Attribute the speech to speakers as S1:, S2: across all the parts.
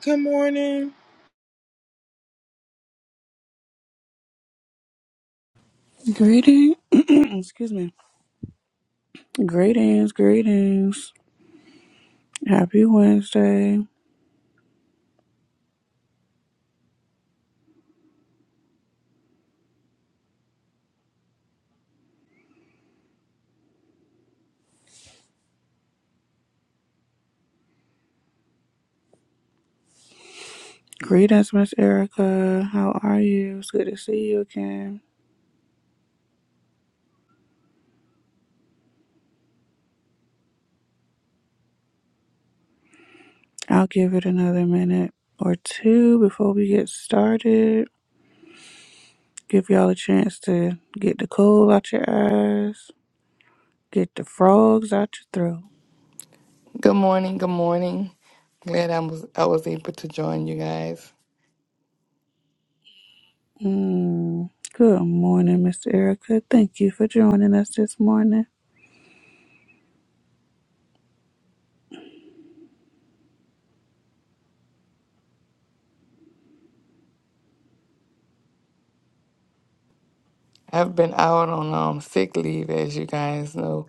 S1: Good morning.
S2: Greeting, excuse me. Greetings, greetings. Happy Wednesday. Greetings, Miss Erica. How are you? It's good to see you again. I'll give it another minute or two before we get started. Give y'all a chance to get the cold out your eyes, get the frogs out your throat.
S3: Good morning. Good morning. Glad I was I was able to join you guys.
S2: Mm. Good morning, Miss Erica. Thank you for joining us this morning.
S3: I've been out on um sick leave, as you guys know,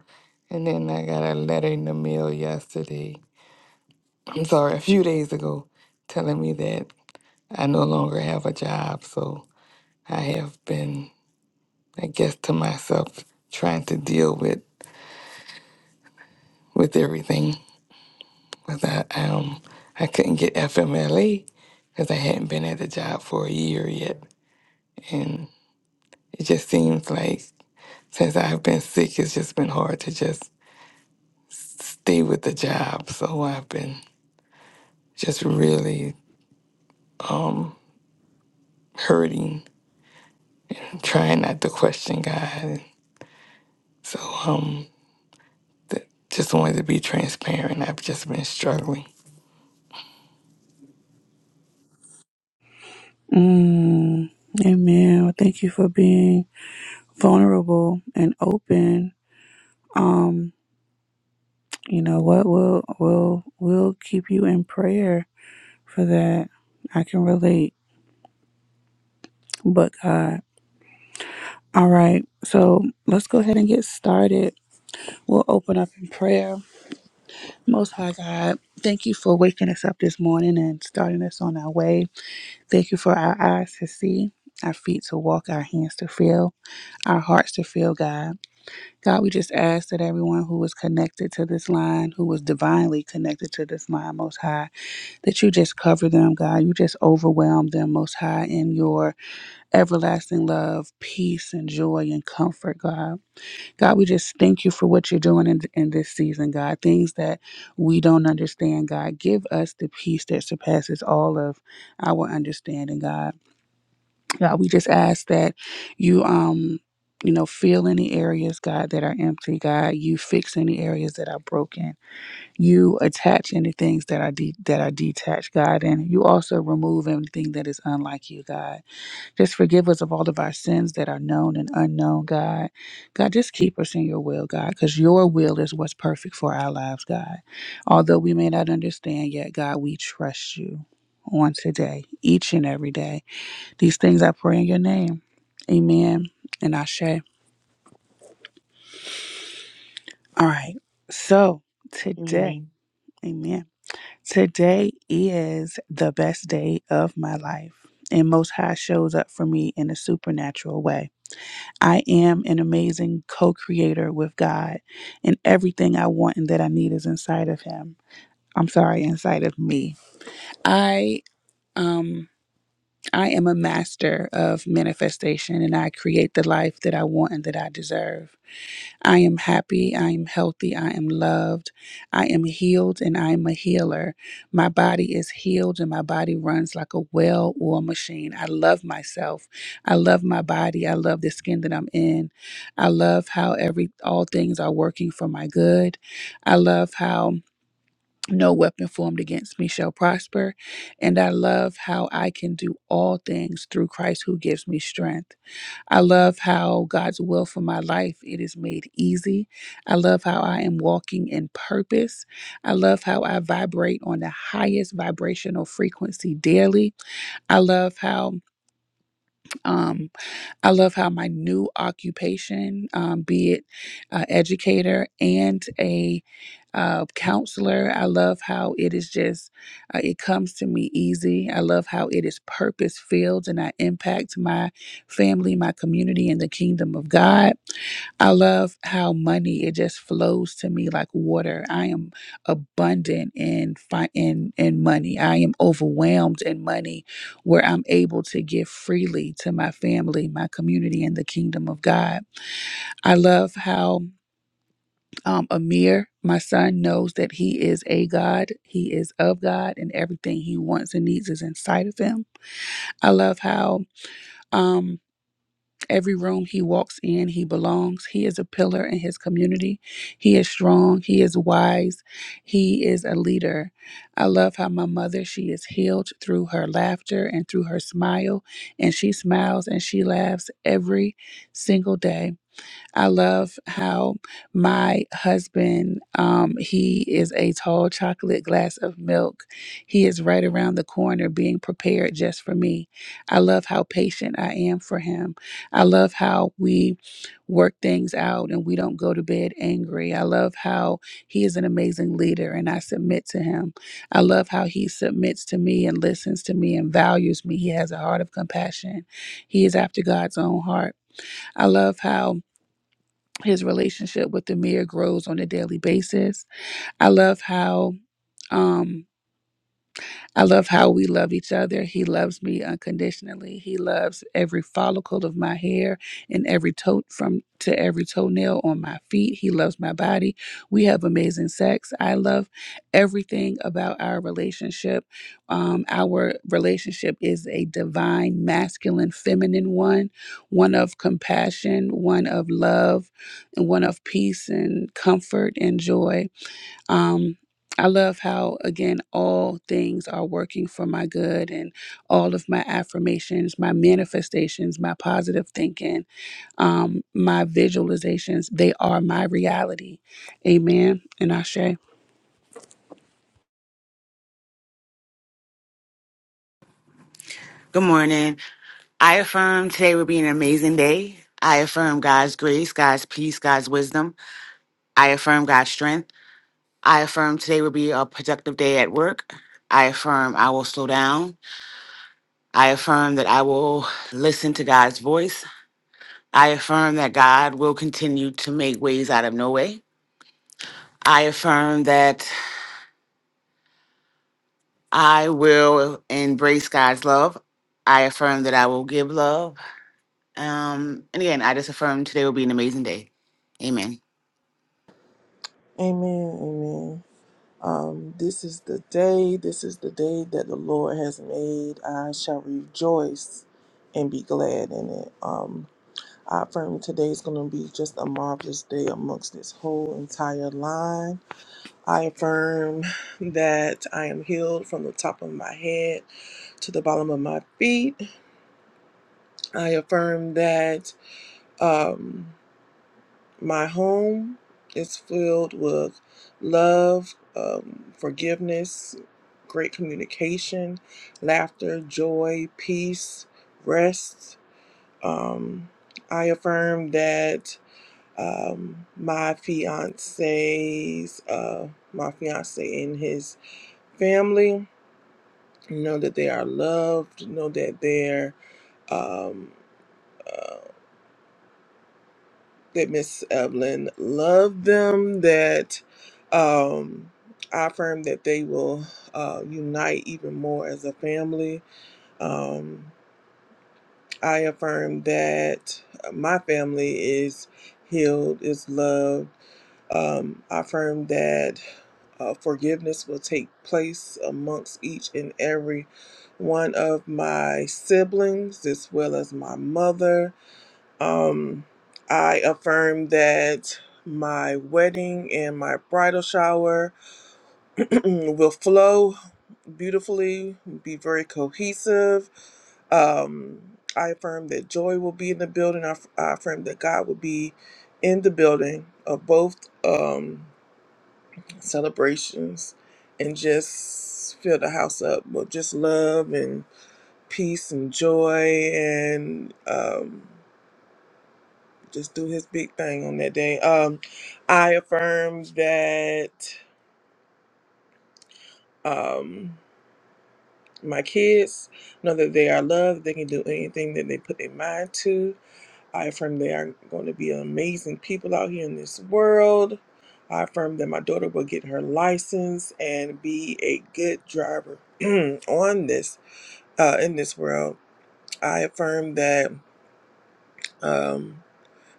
S3: and then I got a letter in the mail yesterday. I'm sorry, a few days ago, telling me that I no longer have a job. So I have been, I guess, to myself trying to deal with with everything. Because I um I couldn't get FMLA because I hadn't been at the job for a year yet, and it just seems like Since I've been sick, it's just been hard to just stay with the job. So I've been just really um, hurting, trying not to question God. So um, th- just wanted to be transparent. I've just been struggling.
S2: Mm. Amen. Well, thank you for being vulnerable and open, um, you know what will will will keep you in prayer for that. I can relate, but God. All right, so let's go ahead and get started. We'll open up in prayer. Most High God, thank you for waking us up this morning and starting us on our way. Thank you for our eyes to see, our feet to walk, our hands to feel, our hearts to feel, God. God, we just ask that everyone who was connected to this line, who was divinely connected to this line, Most High, that you just cover them, God. You just overwhelm them, Most High, in your everlasting love, peace, and joy and comfort, God. God, we just thank you for what you're doing in, in this season, God. Things that we don't understand, God. Give us the peace that surpasses all of our understanding, God. God, we just ask that you um you know fill any areas god that are empty god you fix any areas that are broken you attach any things that are de- that are detached god and you also remove anything that is unlike you god just forgive us of all of our sins that are known and unknown god god just keep us in your will god because your will is what's perfect for our lives god although we may not understand yet god we trust you on today each and every day these things I pray in your name. Amen. And Ashe. All right. So today,
S4: Amen.
S2: amen. Today is the best day of my life. And Most High shows up for me in a supernatural way. I am an amazing co creator with God, and everything I want and that I need is inside of Him. I'm sorry, inside of me. I, um, I am a master of manifestation and I create the life that I want and that I deserve. I am happy. I am healthy. I am loved. I am healed and I am a healer. My body is healed and my body runs like a well oiled machine. I love myself. I love my body. I love the skin that I'm in. I love how every all things are working for my good. I love how no weapon formed against me shall prosper. And I love how I can do all things through Christ who gives me strength. I love how God's will for my life it is made easy. I love how I am walking in purpose. I love how I vibrate on the highest vibrational frequency daily. I love how um I love how my new occupation, um, be it uh, educator and a uh, counselor, I love how it is just, uh, it comes to me easy. I love how it is purpose filled and I impact my family, my community, and the kingdom of God. I love how money it just flows to me like water. I am abundant in fi- in in money. I am overwhelmed in money where I'm able to give freely to my family, my community, and the kingdom of God. I love how um, Amir, my son, knows that he is a God. He is of God, and everything he wants and needs is inside of him. I love how um, Every room he walks in, he belongs. He is a pillar in his community. He is strong. He is wise. He is a leader. I love how my mother, she is healed through her laughter and through her smile. And she smiles and she laughs every single day. I love how my husband, um, he is a tall chocolate glass of milk. He is right around the corner being prepared just for me. I love how patient I am for him. I love how we work things out and we don't go to bed angry. I love how he is an amazing leader and I submit to him. I love how he submits to me and listens to me and values me. He has a heart of compassion. He is after God's own heart. I love how his relationship with Amir grows on a daily basis. I love how um I love how we love each other. He loves me unconditionally. He loves every follicle of my hair and every toe from to every toenail on my feet. He loves my body. We have amazing sex. I love everything about our relationship. Um, our relationship is a divine, masculine, feminine one, one of compassion, one of love, and one of peace and comfort and joy. Um, I love how, again, all things are working for my good and all of my affirmations, my manifestations, my positive thinking, um, my visualizations, they are my reality. Amen. And Ashe.
S5: Good morning. I affirm today will be an amazing day. I affirm God's grace, God's peace, God's wisdom. I affirm God's strength. I affirm today will be a productive day at work. I affirm I will slow down. I affirm that I will listen to God's voice. I affirm that God will continue to make ways out of no way. I affirm that I will embrace God's love. I affirm that I will give love. Um, and again, I just affirm today will be an amazing day. Amen.
S1: Amen, amen. Um, this is the day, this is the day that the Lord has made. I shall rejoice and be glad in it. Um, I affirm today is going to be just a marvelous day amongst this whole entire line. I affirm that I am healed from the top of my head to the bottom of my feet. I affirm that. Um, My home is filled with love, um, forgiveness, great communication, laughter, joy, peace, rest. Um, I affirm that um, my fiance's, uh, my fiance and his family know that they are loved, know that they're um, uh, that Miss Evelyn loved them, that um, I affirm that they will uh, unite even more as a family. Um, I affirm that my family is healed, is loved. Um, I affirm that uh, forgiveness will take place amongst each and every one of my siblings, as well as my mother um, I affirm that my wedding and my bridal shower will flow beautifully, be very cohesive. Um, I affirm that joy will be in the building. I, aff- I affirm that God will be in the building of both um, celebrations and just fill the house up with just love and peace and joy and um, just do his big thing on that day. Um, I affirm that um, my kids know that they are loved. They can do anything that they put their mind to. I affirm they are going to be amazing people out here in this world. I affirm that my daughter will get her license and be a good driver on this uh, in this world. I affirm that. um.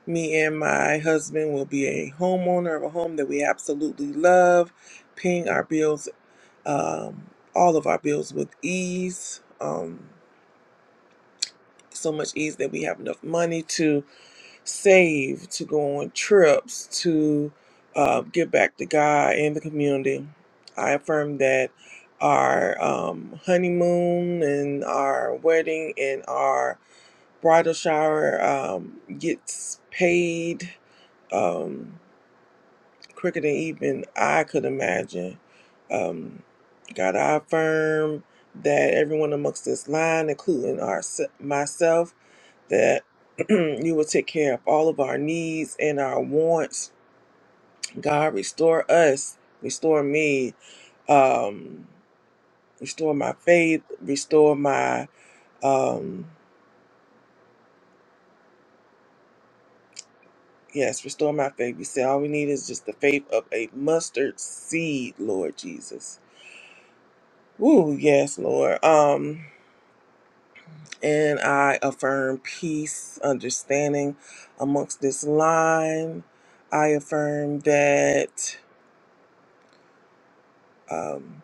S1: Me and my husband will be a homeowner of a home that we absolutely love, paying our bills, um, all of our bills with ease. Um, so much ease that we have enough money to save, to go on trips, to uh, give back to God and the community. I affirm that our um, honeymoon and our wedding and our bridal shower um, gets paid. Um, quicker than even I could imagine. Um, God, I affirm that everyone amongst this line, including our, myself, that you will take care of all of our needs and our wants. God, restore us, restore me, um, restore my faith, restore my, um, yes, restore my faith. We said all we need is just the faith of a mustard seed, Lord Jesus. Woo, yes, Lord. Um, And I affirm peace, understanding amongst this line. I affirm that, um,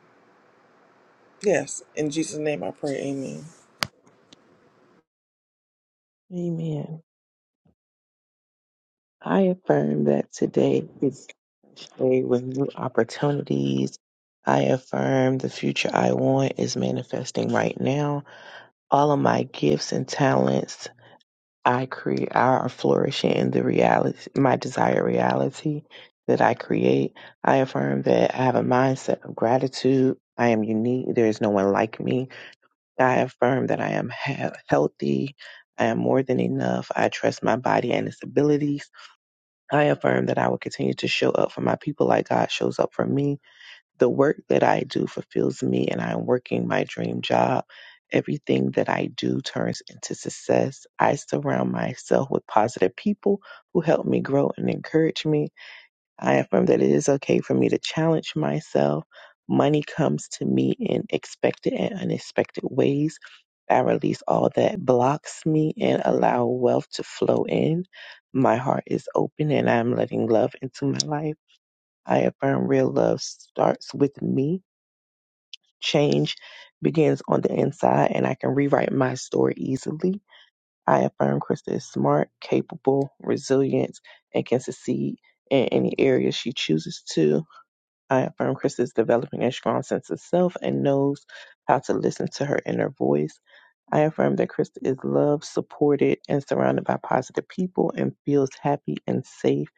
S1: yes, in Jesus' name I pray, amen.
S4: Amen. I affirm that today is a day with new opportunities. I affirm the future I want is manifesting right now. All of my gifts and talents I create are flourishing in the reality, my desired reality that I create. I affirm that I have a mindset of gratitude. I am unique. There is no one like me. I affirm that I am he- healthy. I am more than enough. I trust my body and its abilities. I affirm that I will continue to show up for my people like God shows up for me. The work that I do fulfills me, and I am working my dream job. Everything that I do turns into success. I surround myself with positive people who help me grow and encourage me. I affirm that it is okay for me to challenge myself. Money comes to me in expected and unexpected ways. I release all that blocks me and allow wealth to flow in. My heart is open and I'm letting love into my life. I affirm real love starts with me. Change begins on the inside and I can rewrite my story easily. I affirm Krista is smart, capable, resilient, and can succeed in any area she chooses to. I affirm Chris is developing a strong sense of self and knows how to listen to her inner voice. I affirm that Chris is loved, supported, and surrounded by positive people and feels happy and safe.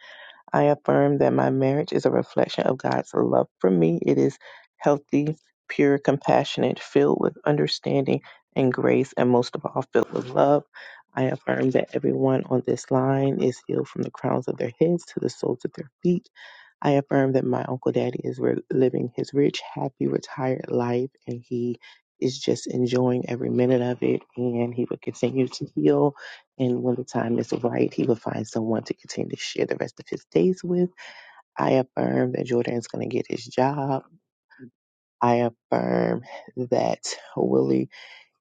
S4: I affirm that my marriage is a reflection of God's love for me. It is healthy, pure, compassionate, filled with understanding and grace, and most of all, filled with love. I affirm that everyone on this line is healed from the crowns of their heads to the soles of their feet. I affirm that my Uncle Daddy is re- living his rich, happy, retired life and he is just enjoying every minute of it. And he will continue to heal. And when the time is right, he will find someone to continue to share the rest of his days with. I affirm that Jordan's going to get his job. I affirm that Willie,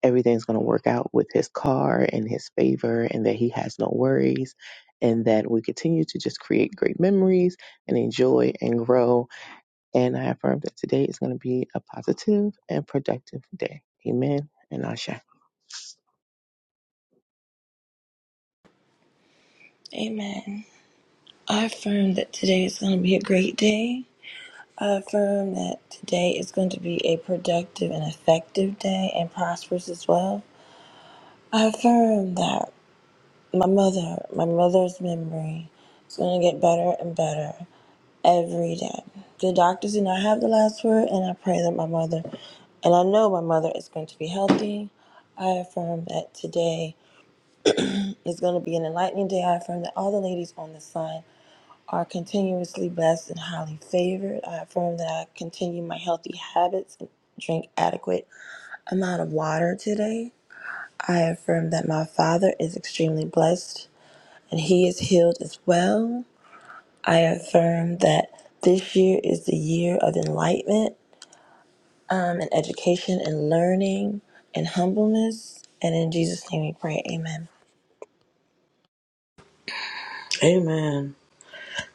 S4: everything's going to work out with his car in his favor and that he has no worries. And that we continue to just create great memories and enjoy and grow and I affirm that today is going to be a positive and productive day. Amen. And Asha.
S6: Amen. I affirm that today is going to be a great day. I affirm that today is going to be a productive and effective day and prosperous as well. I affirm that my mother, my mother's memory is going to get better and better every day. The doctors do not have the last word, and I pray that my mother, and I know my mother is going to be healthy. I affirm that today is going to be an enlightening day. I affirm that all the ladies on this line are continuously blessed and highly favored. I affirm that I continue my healthy habits and drink adequate amount of water today. I affirm that my father is extremely blessed and he is healed as well. I affirm that this year is the year of enlightenment um, and education and learning and humbleness. And in Jesus' name we pray, amen.
S7: Amen.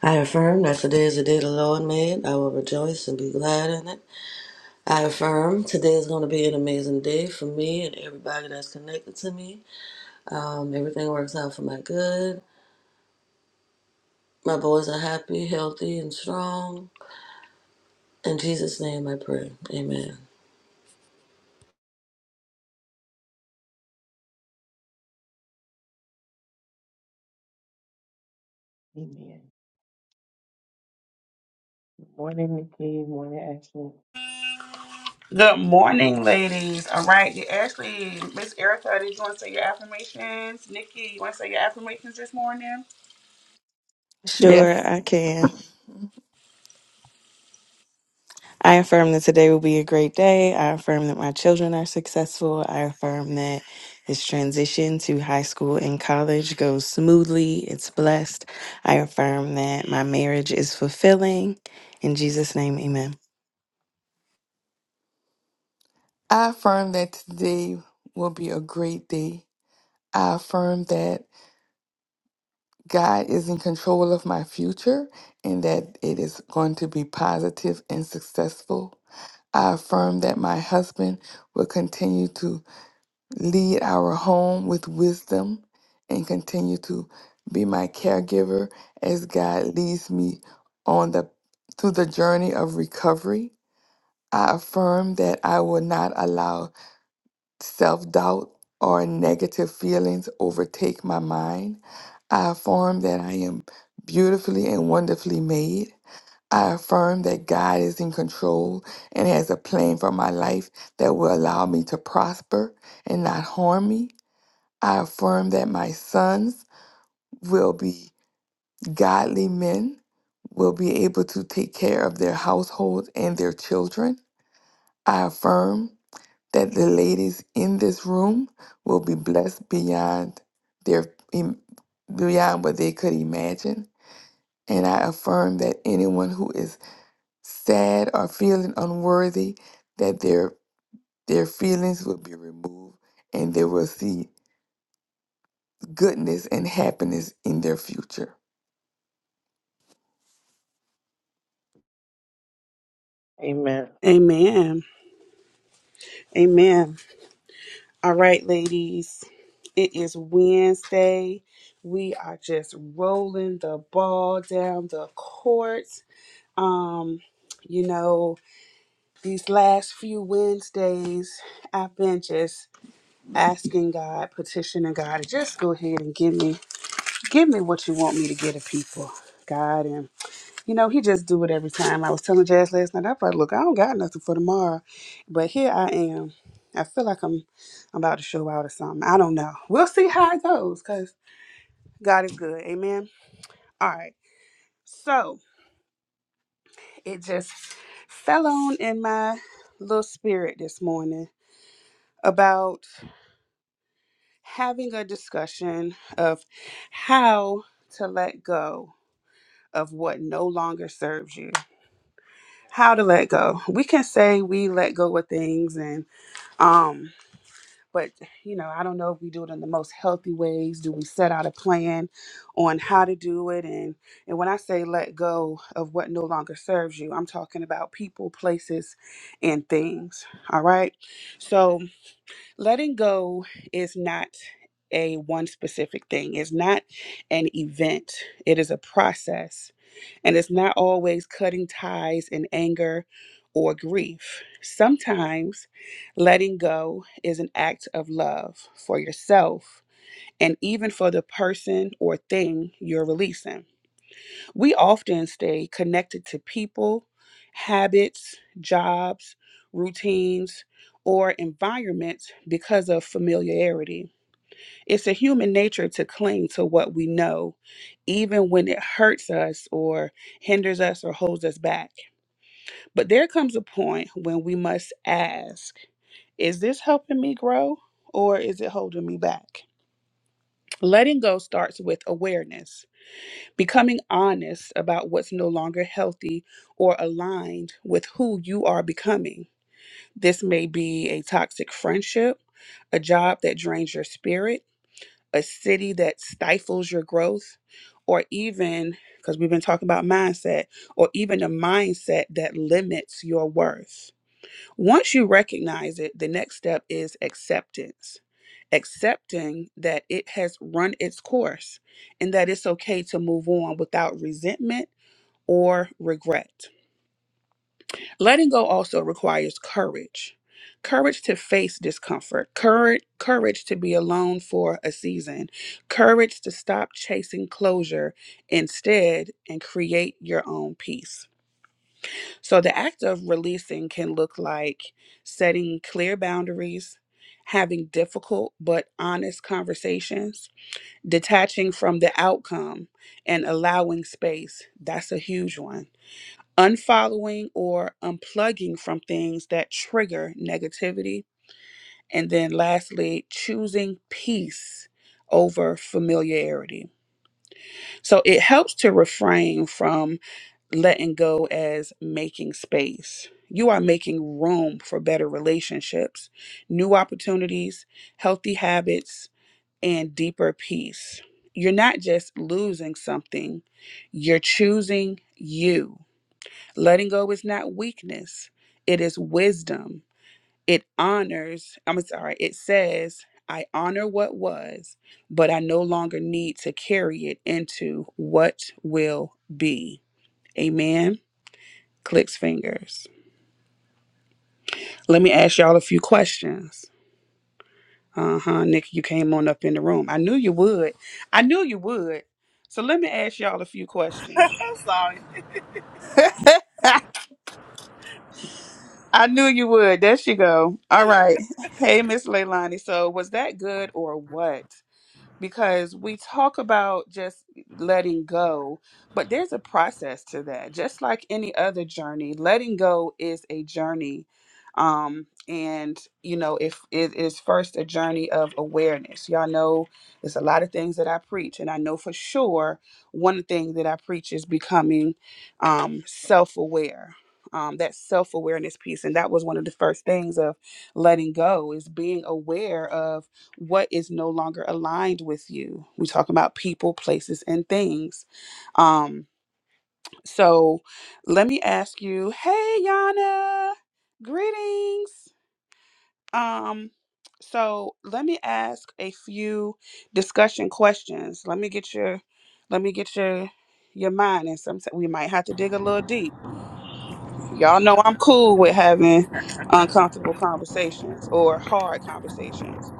S7: I affirm that today is the day the Lord made. I will rejoice and be glad in it. I affirm today is going to be an amazing day for me and everybody that's connected to me. Um, everything works out for my good. My boys are happy, healthy, and strong. In Jesus' name I pray. Amen.
S4: Amen. Morning, Nikki. Morning, Ashley.
S2: Morning.
S8: Sure, I
S3: Yes.
S8: can. I affirm that today will be a great day. I affirm that my children are successful. I affirm that this transition to high school and college goes smoothly. It's blessed. I affirm that my marriage is fulfilling. In Jesus' name, amen.
S3: I affirm that today will be a great day. I affirm that God is in control of my future and that it is going to be positive and successful. I affirm that my husband will continue to lead our home with wisdom, and continue to be my caregiver as God leads me on the through the journey of recovery. I affirm that I will not allow self-doubt or negative feelings overtake my mind. I affirm that I am beautifully and wonderfully made. I affirm that God is in control and has a plan for my life that will allow me to prosper and not harm me. I affirm that my sons will be godly men, will be able to take care of their households and their children. I affirm that the ladies in this room will be blessed beyond their im- beyond what they could imagine. And I affirm that anyone who is sad or feeling unworthy, that their their feelings will be removed and they will see goodness and happiness in their future.
S4: Amen.
S2: Amen. Amen. All right, ladies. It is Wednesday. We are just rolling the ball down the court. Um, you know, These last few Wednesdays, I've been just asking God, petitioning God to just go ahead and give me, give me what you want me to get of people, God. And you know, He just do it every time. I was telling Jazz last night, I thought, look, I don't got nothing for tomorrow, but here I am. I feel like I'm, I'm about to show out or something. I don't know. We'll see how it goes, cause God is good. Amen. All right. So it just fell on in my little spirit this morning about. having a discussion of how to let go of what no longer serves you. How to let go. We can say we let go of things and um but you know, I don't know if we do it in the most healthy ways. Do we set out a plan on how to do it and and when I say let go of what no longer serves you, I'm talking about people, places and things. All right? so letting go is not a one specific thing it's not an event it is a process and it's not always cutting ties in anger or grief sometimes letting go is an act of love for yourself and even for the person or thing you're releasing we often stay connected to people, habits, jobs, routines, or environments because of familiarity. It's a human nature to cling to what we know, even when it hurts us or hinders us or holds us back. But there comes a point when we must ask Is this helping me grow or is it holding me back? Letting go starts with awareness Becoming honest about what's no longer healthy or aligned with who you are becoming. This may be a toxic friendship, a job that drains your spirit, a city that stifles your growth, or even, because we've been talking about mindset, or even a mindset that limits your worth. Once you recognize it, the next step is acceptance. Accepting that it has run its course and that it's okay to move on without resentment or regret. Letting go also requires courage. Courage to face discomfort, courage, courage to be alone for a season, courage to stop chasing closure instead and create your own peace. So the act of releasing can look like setting clear boundaries, having difficult but honest conversations, detaching from the outcome, and allowing space. That's a huge one. Unfollowing or unplugging from things that trigger negativity. And then lastly, choosing peace over familiarity. So it helps to refrain from letting go as making space. You are making room for better relationships, new opportunities, healthy habits, and deeper peace. You're not just losing something, you're choosing you. Letting go is not weakness, it is wisdom. It honors, I'm sorry, it says, I honor what was, but I no longer need to carry it into what will be. Amen. Clicks fingers. Let me ask y'all a few questions. Uh huh. Nikki, you came on up in the room. I knew you would. I knew you would. So let me ask y'all a few questions.
S9: I'm sorry.
S2: I knew you would. There she go. All right. Hey, Miss Leilani. So was that good or what? because we talk about just letting go, but there's a process to that. Just like any other journey, letting go is a journey. Um, and you know, if it is first a journey of awareness, y'all know there's a lot of things that I preach, and I know for sure one thing that I preach is becoming um self aware. Um, that self awareness piece, and that was one of the first things of letting go is being aware of what is no longer aligned with you. We talk about people, places, and things. Um, so let me ask you, hey Yana, greetings. Um, so let me ask a few discussion questions. Let me get your let me get your your mind and sometimes we might have to dig a little deep. Y'all know I'm cool with having uncomfortable conversations or hard conversations.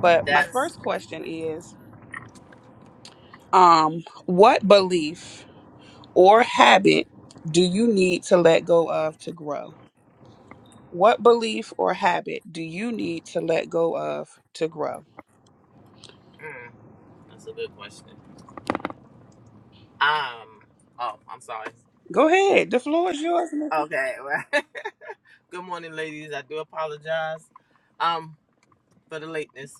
S2: But my
S9: That's
S2: first question is Um, what belief or habit do you need to let go of to grow? What belief or habit do you need to let go of to grow?
S9: mm, that's a good question. Um. Oh, I'm sorry.
S2: Go ahead. The floor is yours, Nikki.
S9: Okay. Well, good morning, ladies. I do apologize. Um, for the lateness.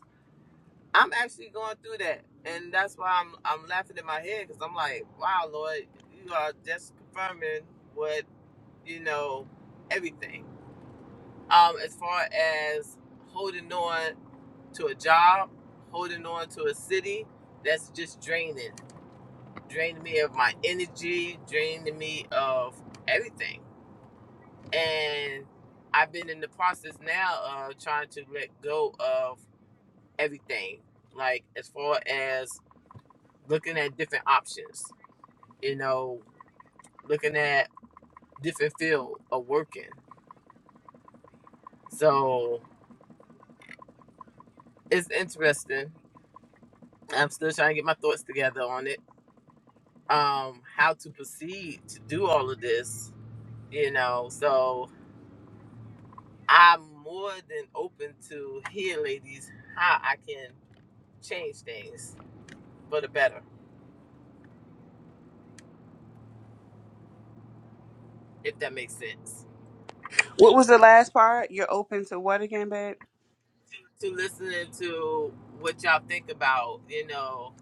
S9: I'm actually going through that, and that's why I'm I'm laughing in my head because I'm like, wow, Lord, you are just confirming what you know, everything. Um, as far as holding on to a job, holding on to a city that's just draining. drained me of my energy, drained me of everything. And I've been in the process now of trying to let go of everything, like as far as looking at different options, you know, looking at different field of working. So it's interesting. I'm still trying to get my thoughts together on it. Um, how to proceed to do all of this, you know. So I'm more than open to hear, ladies, how I can change things for the better, if that makes sense.
S2: What was the last part? You're open to what again, babe?
S9: To listening to what y'all think about, you know,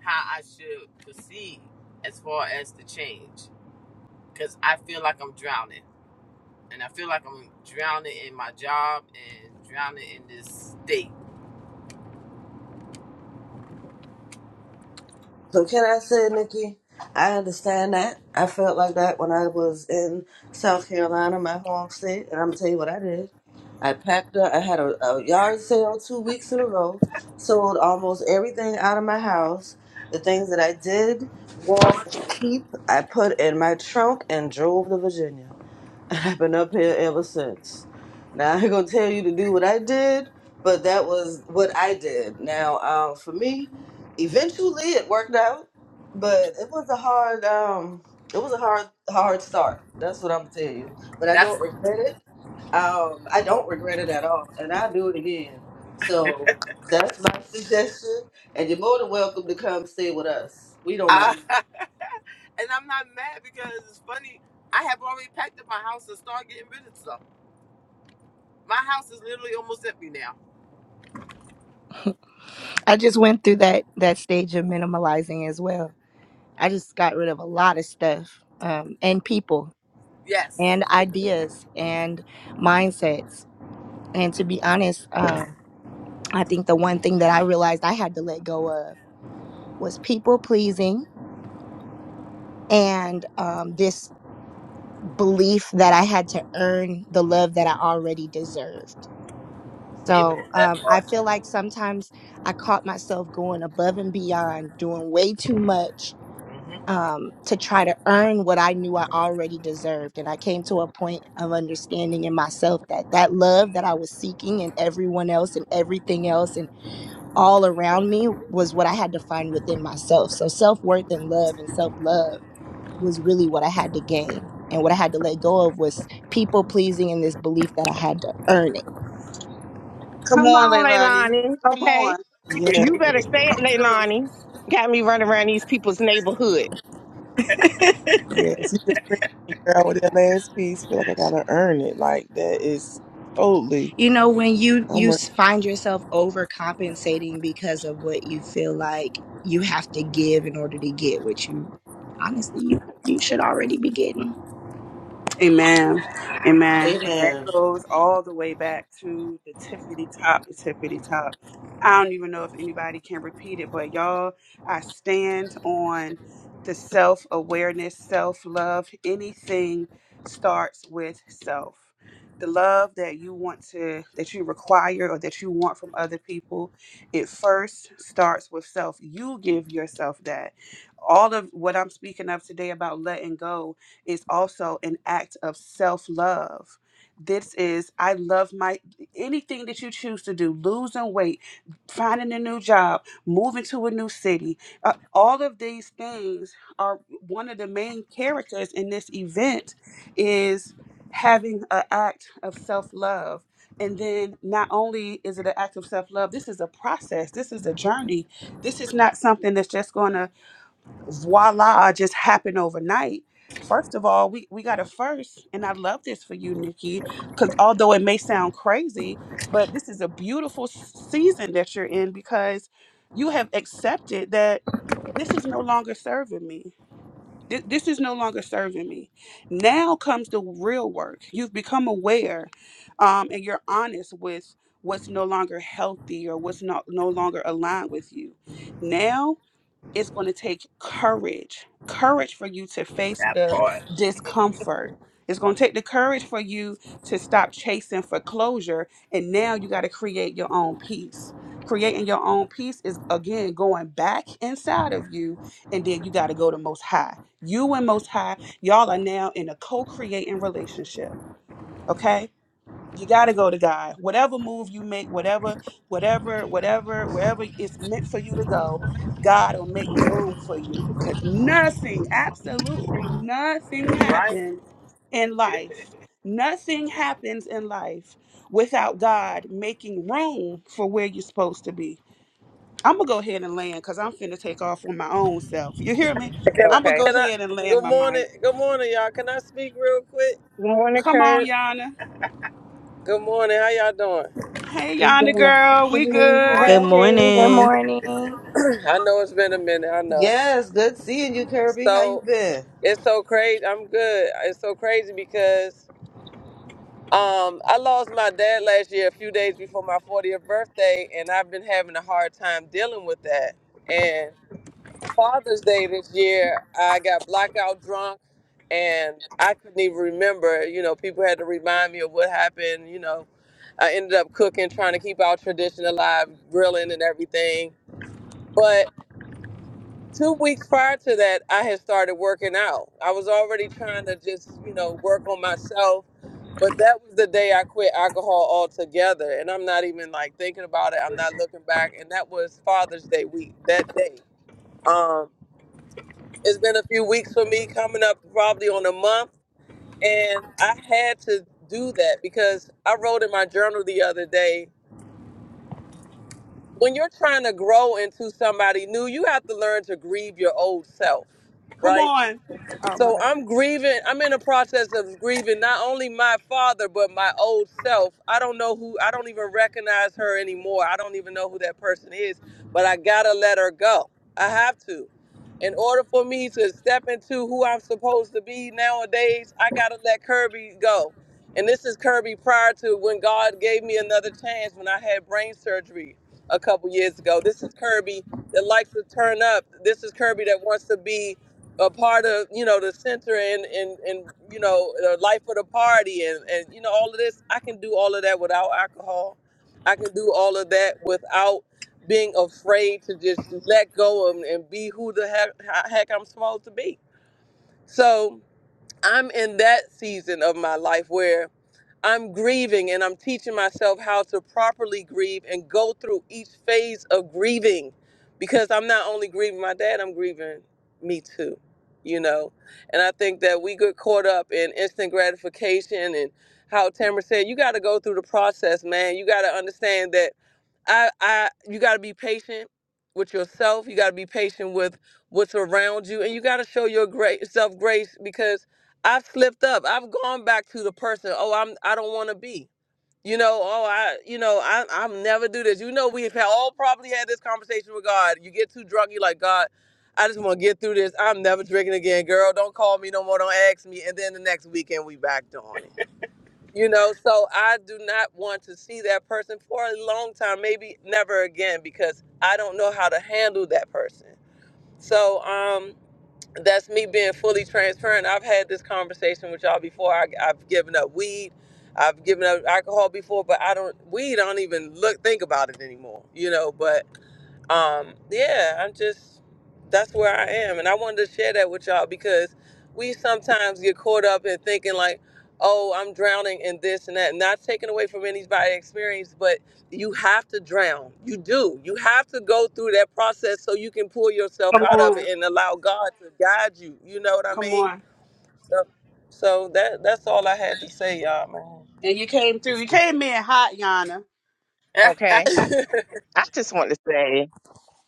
S9: how I should proceed as far as the change. Because I feel like I'm drowning. And I feel like I'm drowning in my job and drowning in this state.
S7: So can I say, Nikki, I understand that. I felt like that when I was in South Carolina, my home state, and I'm gonna tell you what I did. I packed up. I had a, a yard sale two weeks in a row. Sold almost everything out of my house. The things that I did want and keep, I put in my trunk and drove to Virginia. I've been up here ever since. Now I ain't gonna tell you to do what I did, but that was what I did. Now, um, for me, eventually it worked out, but it was a hard, um, it was a hard, hard start. That's what I'm gonna tell you. But I
S9: That's.
S7: don't regret it. Um, I don't regret it at all, and I'll do it again. So that's my suggestion, and you're more than welcome to come stay with us. We don't mind.
S9: I- and I'm not mad because it's funny. I have already packed up my house and started getting rid of stuff. My house is literally almost empty now.
S10: I just went through that that stage of minimalizing as well. I just got rid of a lot of stuff um, and people
S9: Yes.
S10: and ideas and mindsets. And to be honest, um, I think the one thing that I realized I had to let go of was people pleasing and um, this belief that I had to earn the love that I already deserved. So
S9: Amen. That
S10: um, I
S9: part
S10: feel
S9: too.
S10: like sometimes I caught myself going above and beyond, doing way too much
S9: hmm
S10: um, to try to earn what I knew I already deserved. And I came to a point of understanding in myself that that love that I was seeking in everyone else and everything else and all around me was what I had to find within myself. So self worth and love and self love was really what I had to gain. And what I had to let go of was people pleasing and this belief that I had to earn
S2: Come
S4: Come
S2: on,
S4: on,
S2: Leilani.
S4: Leilani.
S2: Come
S4: Okay.
S2: on.
S1: Yes,
S4: You better say it,
S2: Come through.
S4: Leilani. Got me running around these people's neighborhood.
S10: it.
S1: yes. You just bring me here out with that last piece. Feel like I gotta earn it. Like that is totally.
S10: you know when you
S1: I'm
S10: you
S1: work.
S10: s- find yourself overcompensating because of what you feel like you have to give in order to get what you honestly you, you should already be getting
S2: Amen. Amen. And that
S7: Amen.
S2: goes all the way back to the tippity top, the tippity top. I don't even know if anybody can repeat it, but y'all, I stand on the self awareness, self love. Anything starts with self. The love that you want to, that you require or that you want from other people, it first starts with self. You give yourself that. All of what I'm speaking of today about letting go is also an act of self love. This is, I love my anything that you choose to do, losing weight, finding a new job, moving to a new city. Uh, all of these things are one of the main characters in this event is having an act of self love. And then not only is it an act of self love, this is a process, this is a journey. This is not something that's just going to voila just happened overnight. First of all, we, we got a first, and I love this for you, Nikki, because although it may sound crazy, but this is a beautiful s- season that you're in because you have accepted that this is no longer serving me. Th- This is no longer serving me. Now comes the real work. You've become aware um, and you're honest with what's no longer healthy or what's not no longer aligned with you. Now it's going to take courage courage for you to face
S9: That
S2: the
S9: part.
S2: discomfort it's going to take the courage for you to stop chasing for closure and now you got to create your own peace creating your own peace is again going back inside of you and then you got to go to most high you and most high y'all are now in a co-creating relationship okay you got to go to God. Whatever move you make, whatever, whatever, whatever, wherever it's meant for you to go, God will make room for you. Because nothing, absolutely nothing
S9: Right.
S2: happens in life. Nothing happens in life without God making room for where you're supposed to be. I'm going to go ahead and land because I'm finna take off on my own self. You hear me?
S11: Can I?
S2: I'm going to
S4: Okay.
S2: go
S11: Can I?
S2: ahead and land
S11: Good
S2: my
S11: morning.
S2: mic.
S11: Good morning, y'all. Can I speak real quick?
S4: Good morning,
S2: Come on,
S4: Kurt.
S2: Yana.
S11: Good morning. How y'all doing?
S2: Hey,
S4: We
S2: Yana
S4: doing
S2: girl.
S4: a-
S2: We
S9: Good
S2: good.
S9: morning.
S8: Good
S10: good
S8: morning.
S10: morning
S11: I know it's been a minute. I know.
S7: Yes, good seeing you, Kirby. How you
S11: So
S7: been?
S11: it's so crazy. I'm good. It's so crazy because um I lost my dad last year, a few days before my 40th birthday, and I've been having a hard time dealing with that. Father's Day this year, I got blackout drunk and I couldn't even remember. You know, people had to remind me of what happened. You know, I ended up cooking, trying to keep our tradition alive, grilling and everything. But two weeks prior to that, I had started working out. I was already trying to just, you know, work on myself. But that was the day I quit alcohol altogether. And I'm not even like thinking about it. I'm not looking back. And that was Father's Day week, that day. Um, it's been a few weeks for me, coming up probably on a month, and I had to do that because I wrote in my journal the other day when you're trying to grow into somebody new, you have to learn to grieve your old self,
S2: Come
S11: right?
S2: on. Oh my
S11: So
S2: bad.
S11: I'm grieving. I'm in a process of grieving not only my father but my old self. I don't know who. I don't even recognize her anymore. I don't even know who that person is. But I gotta let her go. I have to. In order for me to step into who I'm supposed to be nowadays, I gotta let Kirby go. And this is Kirby prior to when God gave me another chance when I had brain surgery a couple years ago. This is Kirby that likes to turn up. This is Kirby that wants to be a part of you know the center and and and you know the life of the party and and you know all of this i can do all of that without alcohol i can do all of that without being afraid to just let go and, and be who the heck, heck i'm supposed to be so i'm in that season of my life where. I'm grieving and I'm teaching myself how to properly grieve and go through each phase of grieving because I'm not only grieving my dad, I'm grieving me too, you know? And I think that we get caught up in instant gratification and how Tamara said, you got to go through the process, man. You got to understand that I, I, you got to be patient with yourself. You got to be patient with what's around you, and you got to show your great self grace because I've slipped up. I've gone back to the person. Oh, I'm. I don't want to be. You know. Oh, I. You know. I. I'm never do this. You know. We've had all probably had this conversation with God. You get too drunk. You like God. I just want to get through this. I'm never drinking again, girl. Don't call me no more. Don't ask me. And then the next weekend we backed on it. You know, so I do not want to see that person for a long time, maybe never again, because I don't know how to handle that person. So um, that's me being fully transparent. I've had this conversation with y'all before. I, I've given up weed. I've given up alcohol before, but I don't weed. I don't even look think about it anymore. You know, but um yeah i'm just that's where i am and i wanted to share that with y'all because we sometimes get caught up in thinking like oh i'm drowning in this and that not taken away from anybody's experience but you have to drown you do you have to go through that process so you can pull yourself
S2: Come
S11: out of
S2: on.
S11: it and allow god to guide you you know what i
S2: Come
S11: mean
S2: on.
S11: so, so that that's all i had to say y'all
S2: And you came through.
S9: It's
S2: You
S9: good.
S2: came in hot, Yana.
S4: Okay.
S11: man
S4: I just want to say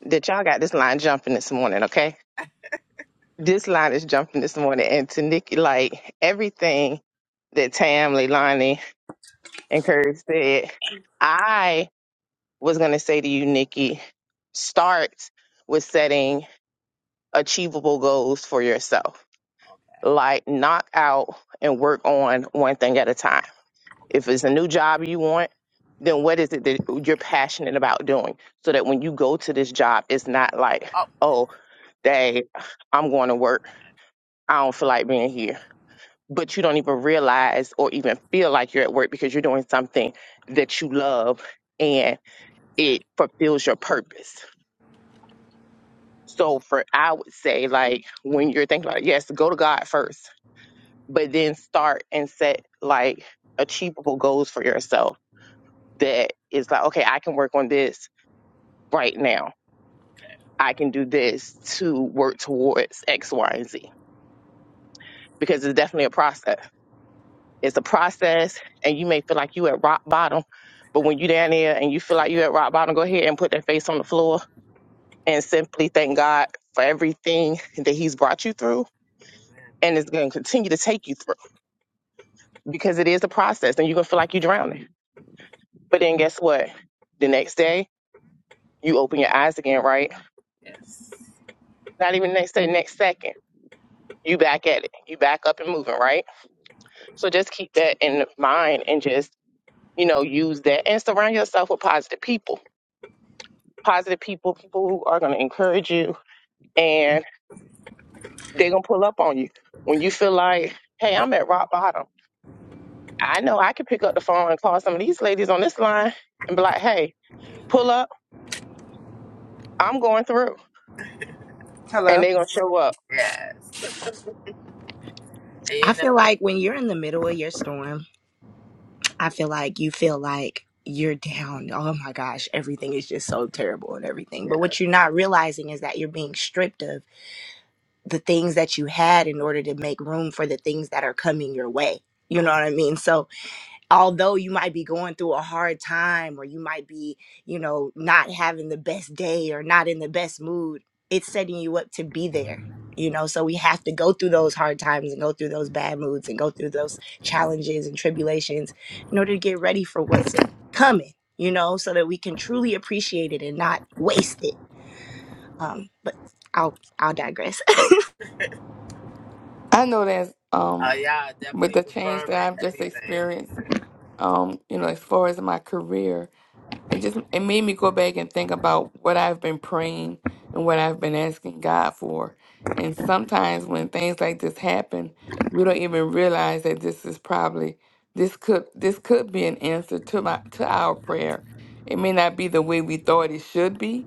S4: that y'all got this line jumping this morning, okay? This line is jumping this morning. And to Nikki, like everything that Tam, Leilani, and Kurt said, I was going to say to you, Nikki, start with setting achievable goals for yourself Like knock out and work on one thing at a time. If it's a new job you want, then what is it that you're passionate about doing? So that when you go to this job, it's not like,
S9: oh,
S4: oh, day I'm going to work. I don't feel like being here. But you don't even realize or even feel like you're at work because you're doing something that you love and it fulfills your purpose. So for I would say like when you're thinking about it, yes, go to God first but then start and set like achievable goals for yourself that is like, okay, I can work on this right now.
S9: Okay.
S4: I can do this to work towards X, Y, and Z because it's definitely a process. It's a process, and you may feel like you at rock bottom, but when you down there and you feel like you at rock bottom, go ahead and put that face on the floor and simply thank God for everything that He's brought you through
S9: Amen.
S4: and is going to continue to take you through because it is a process, and you're gonna feel like you're drowning. But then guess what? The next day, You open your eyes again, right?
S9: Yes.
S4: Not even next to the next second. You back at it. You back up and moving, right? So just keep that in mind and just, you know, use that and surround yourself with positive people. Positive people, people who are gonna encourage you and they're gonna pull up on you. When you feel like, hey, I'm at rock bottom. I know I can pick up the phone and call some of these ladies on this line and be like, hey,
S9: Amen.
S4: pull up, I'm going through.
S2: Hello.
S4: And they're gonna show up.
S9: Yes. And
S10: i
S9: you know,
S10: feel like when you're in the middle of your storm i feel like you feel like you're down oh my gosh everything is just so terrible and everything
S9: yeah.
S10: but what you're not realizing is that you're being stripped of the things that you had in order to make room for the things that are coming your way you know what
S9: Oh,
S10: i mean so although you might be going through a hard time or you might be, you know, not having the best day or not in the best mood, it's setting you up to be there. You know, so we have to go through those hard times and go through those bad moods and go through those challenges and tribulations in order to get ready for what's coming, you know, so that we can truly appreciate it and not waste it. Um, but I'll I'll digress.
S3: I know that um,
S9: y'all
S3: with
S9: definitely
S3: the change that
S9: confirming
S3: I've just
S9: everything.
S3: experienced, um, you know, as far as my career, it just it made me go back and think about what I've been praying and what I've been asking God for. And sometimes when things like this happen, we don't even realize that this is probably this could this could be an answer to my to our prayer. It may not be the way we thought it should be,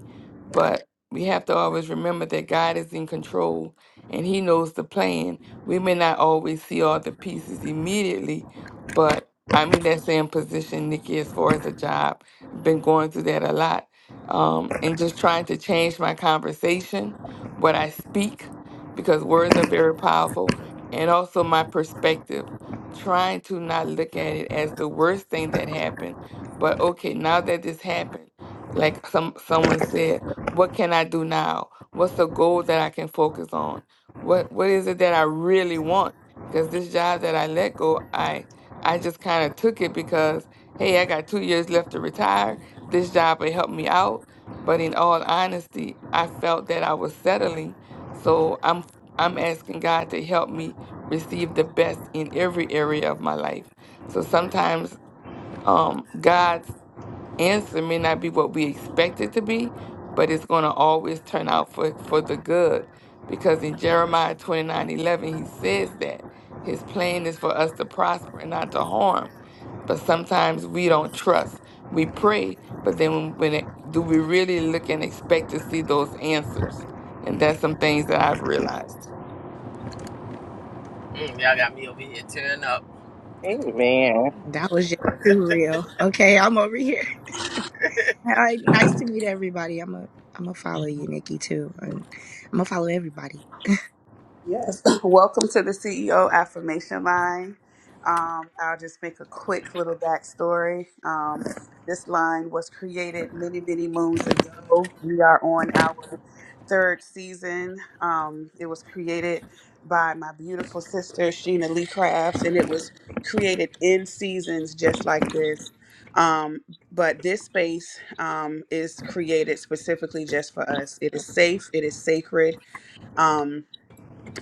S3: but we have to always remember that God is in control and he knows the plan. We may not always see all the pieces immediately, but I mean that's in position, Nikki, as far as a job been going through that a lot. Um, and just trying to change my conversation, what I speak, because words are very powerful, and also my perspective. Trying to not look at it as the worst thing that happened, but okay, now that this happened, like some someone said, what can I do now? What's the goal that I can focus on? What what is it that I really want? Because this job that I let go, I I just kind of took it because Hey, I got two years left to retire. This job will help me out. But in all honesty, I felt that I was settling. So I'm I'm asking God to help me receive the best in every area of my life. So sometimes um God's answer may not be what we expect it to be, but it's going to always turn out for, for the good. Because in Jeremiah 29 11 he says that his plan is for us to prosper and not to harm. But sometimes we don't trust. We pray, but then when, when it, do we really look and expect to see those answers? And that's some things that I've realized.
S9: Mm, y'all got me over here tearing up.
S4: Amen.
S10: that was just too real. Okay, I'm over here. Hi, nice to meet everybody. I'm a I'm gonna follow you, Nikki, too, and I'm gonna follow everybody.
S2: Yes. Welcome to the CEO Affirmation Line. Um, I'll just make a quick little backstory. Um, this line was created many, many moons ago. We are on our third season. Um, it was created by my beautiful sister, Sheena Lee Crafts, and it was created in seasons just like this. Um, but this space um, is created specifically just for us. It is safe, it is sacred. Um,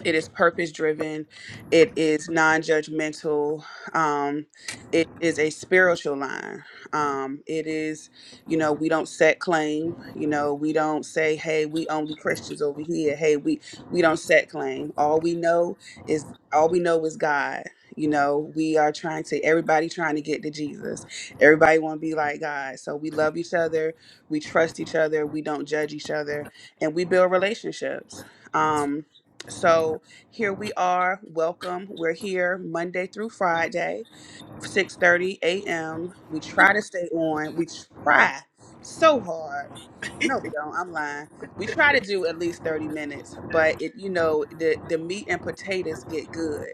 S2: it is purpose driven it is non-judgmental um it is a spiritual line um it is you know we don't set claim you know we don't say hey we only christians over here hey we we don't set claim all we know is all we know is god you know we are trying to everybody trying to get to jesus everybody want to be like god so we love each other we trust each other we don't judge each other and we build relationships Um, so here we are. Welcome. We're here Monday through Friday. 6:30 a.m. We try to stay on. We try so hard. No, we don't. I'm lying. We try to do at least 30 minutes, but it you know the the meat and potatoes get good.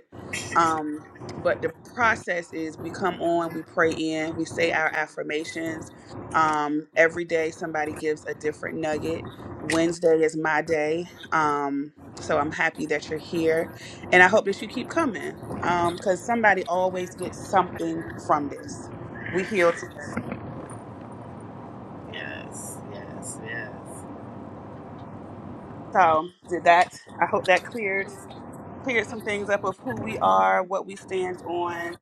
S2: Um but the process is we come on, we pray in, we say our affirmations. Um every day somebody gives a different nugget. Wednesday is my day. Um so I'm happy that you're here and I hope that you keep coming um because somebody always gets something from this we heal together
S9: Yes. Yes. Yes.
S2: so did that i hope that cleared cleared some things up of who we are what we stand on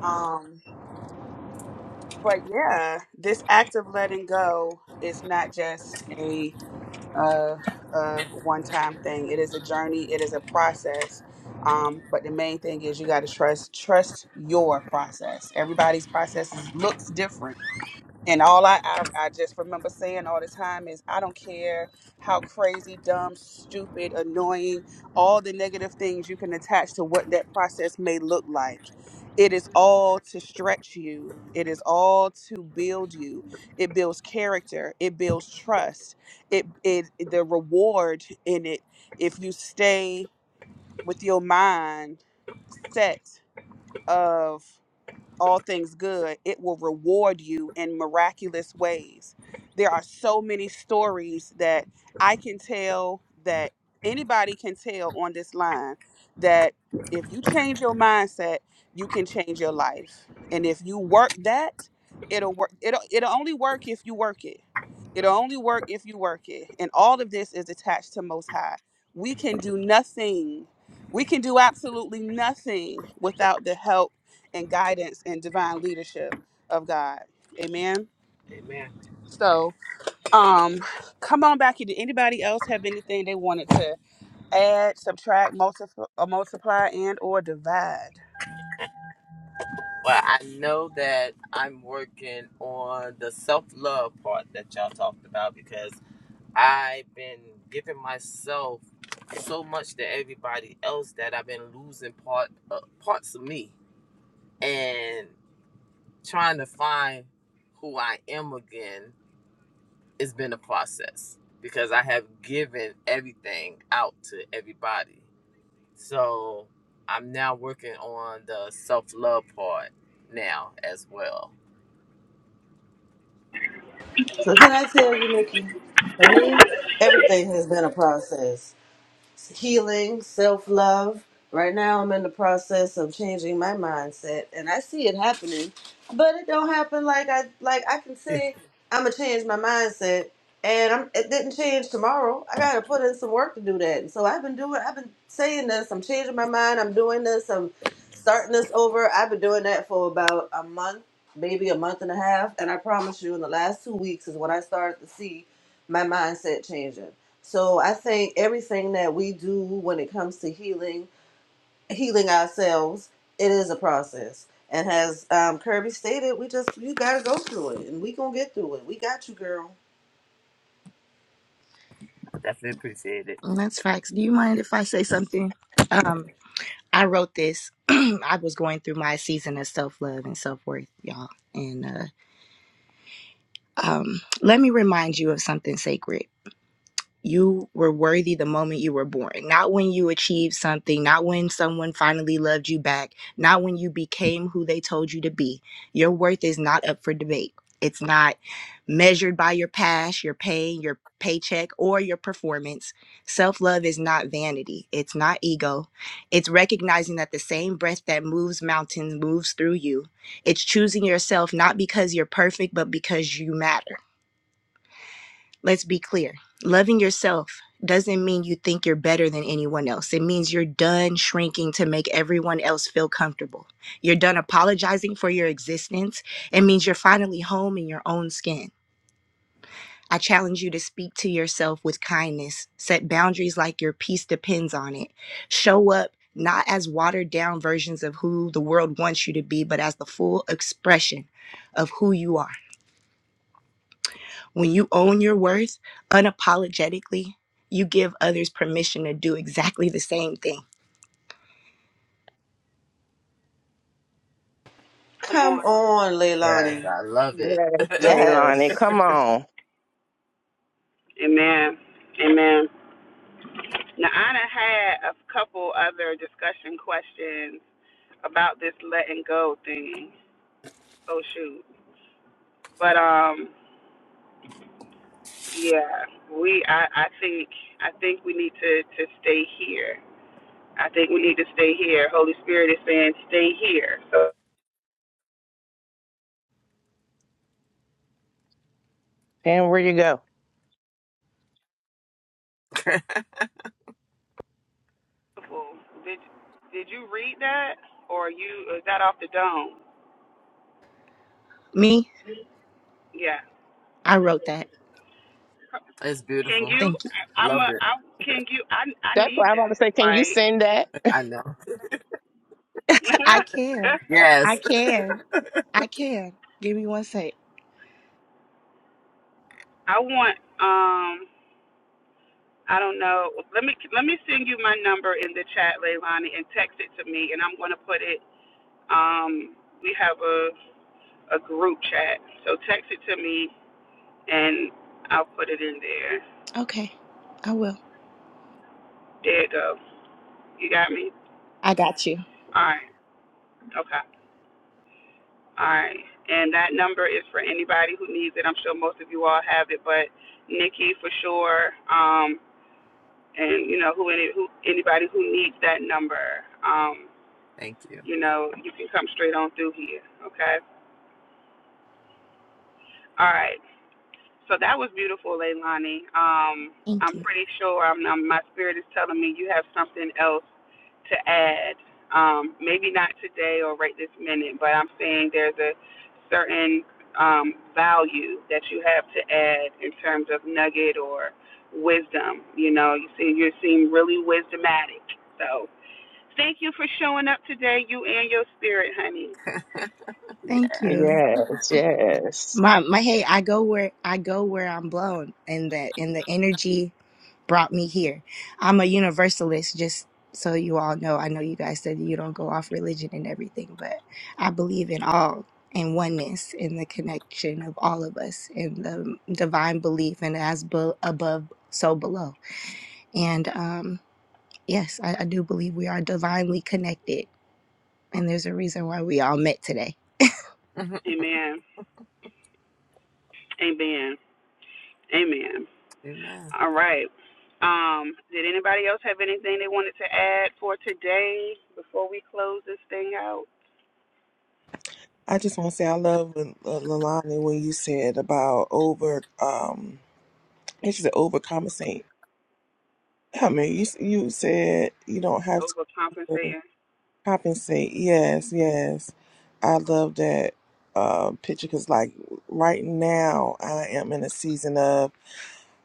S2: um but yeah this act of letting go is not just a uh, a one-time thing it is a journey it is a process um, but the main thing is you got to trust trust your process everybody's process is- looks different And all I, I, I just remember saying all the time is, I don't care how crazy, dumb, stupid, annoying, all the negative things you can attach to what that process may look like. It is all to stretch you, it is all to build you. It builds character, it builds trust. It, it The reward in it, if you stay with your mind set all things good, it will reward you in miraculous ways. There are so many stories that I can tell that anybody can tell on this line that if you change your mindset, you can change your life. And if you work that, it'll work it'll it'll only work if you work it. It'll only work if you work it. And all of this is attached to most high. We can do nothing. We can do absolutely nothing without the help and guidance and divine leadership of God. Amen.
S9: Amen.
S2: So, um, come on back here. Did anybody else have anything they wanted to add, subtract, multiply, multiply, and or divide?
S9: Well, I know that I'm working on the self love part that y'all talked about because I've been giving myself so much to everybody else that I've been losing part uh, parts of me and trying to find who I am again. It's been a process because I have given everything out to everybody. So I'm now working on the self love part now as well.
S7: So can I tell you, Nikki? For me, everything has been a process healing, self love. Right now, I'm in the process of changing my mindset, and I see it happening, but it don't happen like I like. I can say I'm gonna change my mindset, and I'm it didn't change tomorrow. I gotta put in some work to do that. And so I've been doing. I've been saying this. I'm changing my mind. I'm doing this. I'm starting this over. I've been doing that for about a month, maybe a month and a half, and I promise you, in the last two weeks is when I started to see my mindset changing. So I think everything that we do when it comes to healing, healing ourselves, it is a process. And as um, Kirby stated, we just you gotta go through it, and we gonna get through it. We got you, girl.
S9: Definitely appreciate it.
S10: And That's facts. Do you mind if I say something? Um, I wrote this. I was going through my season of self love and self worth, y'all, and uh, um, let me remind you of something sacred. you were worthy the moment you were born, not when you achieved something, not when someone finally loved you back, not when you became who they told you to be. Your worth is not up for debate. It's not measured by your past, your pain, your paycheck, or your performance. Self love is not vanity, it's not ego. It's recognizing that the same breath that moves mountains moves through you. It's choosing yourself not because you're perfect, but because you matter. Let's be clear. Loving yourself doesn't mean you think you're better than anyone else. It means you're done shrinking to make everyone else feel comfortable. You're done apologizing for your existence. It means you're finally home in your own skin. I challenge you to speak to yourself with kindness. Set boundaries like your peace depends on it. Show up not as watered down versions of who the world wants you to be, but as the full expression of who you are. When you own your worth unapologetically, you give others permission to do exactly the same thing.
S2: Come
S7: Come
S2: on.
S7: on,
S9: Yes,
S7: Leilani.
S9: I love it.
S4: Yes, Leilani,
S7: Yes,
S4: come on.
S2: Amen. Amen. Now, I done had a couple other discussion questions about this letting go thing. Oh, shoot. But, um, Yeah, we. I, I think. I think we need to to stay here. I think we need to stay here. Holy Spirit is saying, stay here. So
S4: And where you go?
S2: beautiful. Did Did you read that, or you is that off the dome?
S10: Me,
S2: Yeah.
S10: I wrote that.
S9: it's
S2: Can
S9: beautiful.
S2: you?
S10: Thank you.
S2: I- I'm
S9: Love
S2: a.
S9: it.
S2: I can you? I I
S4: That's
S2: need
S4: why I want to
S2: that.
S4: say, can you
S2: Like,
S4: send that?
S9: I know.
S10: I can. I
S9: Yes.
S10: can. I can. Give me one sec.
S2: I want. Um. I don't know. Let me let me send you my number in the chat, Leilani, and text it to me, and I'm gonna put it. Um. We have a a group chat. So text it to me and I'll put it in there.
S10: Okay. I will.
S2: There it goes. You got me?
S10: I got you.
S2: All right. Okay. All right. And that number is for anybody who needs it. I'm sure most of you all have it, but Nikki for sure. Um, and you know who any who anybody who needs that number. Um,
S9: Thank you.
S2: you know you can come straight on through here. Okay. All right. So that was beautiful, Leilani. Um,
S10: Thank
S2: I'm
S10: you.
S2: pretty sure I'm, i my spirit is telling me you have something else to add. Um, maybe not today or right this minute, but I'm saying there's a certain um, value that you have to add in terms of nugget or wisdom. You know, you seem you seem really wisdomatic. So thank you for showing up today, you and your spirit, honey.
S9: Yeah.
S10: Thank you.
S4: Yes, yes.
S10: My my hey, I go where I go where I'm blown and the in the energy brought me here. I'm a universalist, just so you all know. I know you guys said you don't go off religion and everything, but I believe in all and oneness in the connection of all of us in the divine belief and as bu- above, so below. And um, yes, I, I do believe we are divinely connected, and there's a reason why we all met today.
S9: Mhm.
S2: Amen. Amen. Amen.
S9: Amen.
S2: All right. Um, did anybody else have anything they wanted to add for today before we close this thing out?
S1: I just want to say I love when, uh, Lalani when you said about over. Um, I think she said overcompensate. I mean, you s- you said you don't have to.
S2: Overcompensating.
S1: Compensate. Yes, yes. I love that uh, picture because, like, right now I am in a season of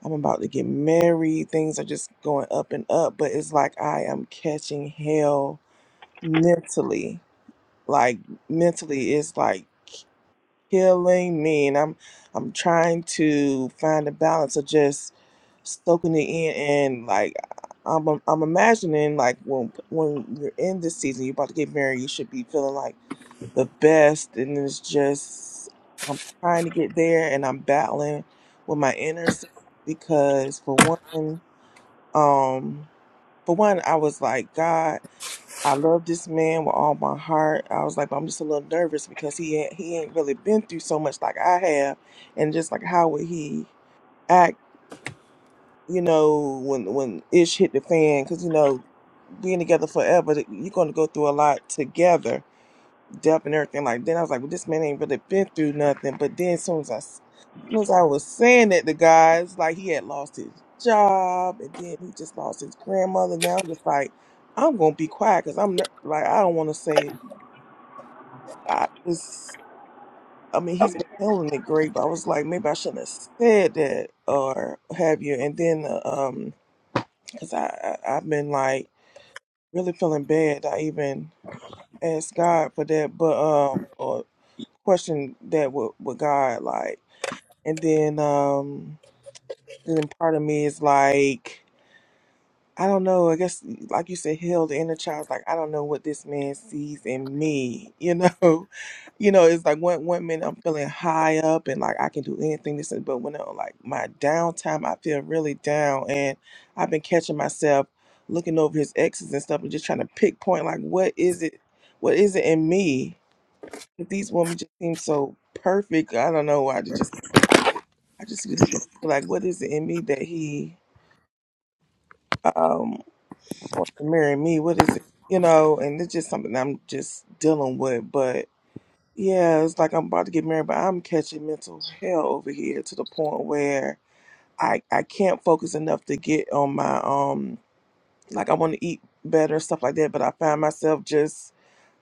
S1: I'm about to get married. Things are just going up and up, but it's like I am catching hell mentally. Like, mentally, it's like killing me, and I'm I'm trying to find a balance of just soaking it in and like I'm I'm imagining like when when you're in this season, you're about to get married, you should be feeling like the best and it's just I'm trying to get there and I'm battling with my inner self because for one um for one I was like God I love this man with all my heart. I was like, but I'm just a little nervous because he ain't- he ain't really been through so much like I have, and just like how would he act, you know, when when ish hit the fan? Because you know, being together forever, you're going to go through a lot together up and everything like then I was like, well, this man ain't really been through nothing. But then as soon as I, as soon as I was saying that, the guys like he had lost his job and then he just lost his grandmother. Now I'm just like, I'm gonna be quiet because I'm ner- like I don't want to say I just. I mean, he's been handling it great, but I was like, maybe I shouldn't have said that or have you. And then, uh, um, because I, I I've been like really feeling bad. I even asked God for that, but um, or. question that with, with God, like, and then um, then part of me is like, I don't know. I guess, like you said, heal the inner child. Like, I don't know what this man sees in me. You know, you know, it's like one one minute I'm feeling high up and like I can do anything. This, and- but when I'm like my downtime, I feel really down, and I've been catching myself looking over his exes and stuff and just trying to pick point like what is it, what is it in me but these women just seem so perfect. I don't know why. They just I just be looking at like, what is it in me that he um wants to marry me? What is it? You know, and it's just something I'm just dealing with. But yeah, it's like I'm about to get married, but I'm catching mental hell over here to the point where I I can't focus enough to get on my um like I want to eat better stuff like that. But I find myself just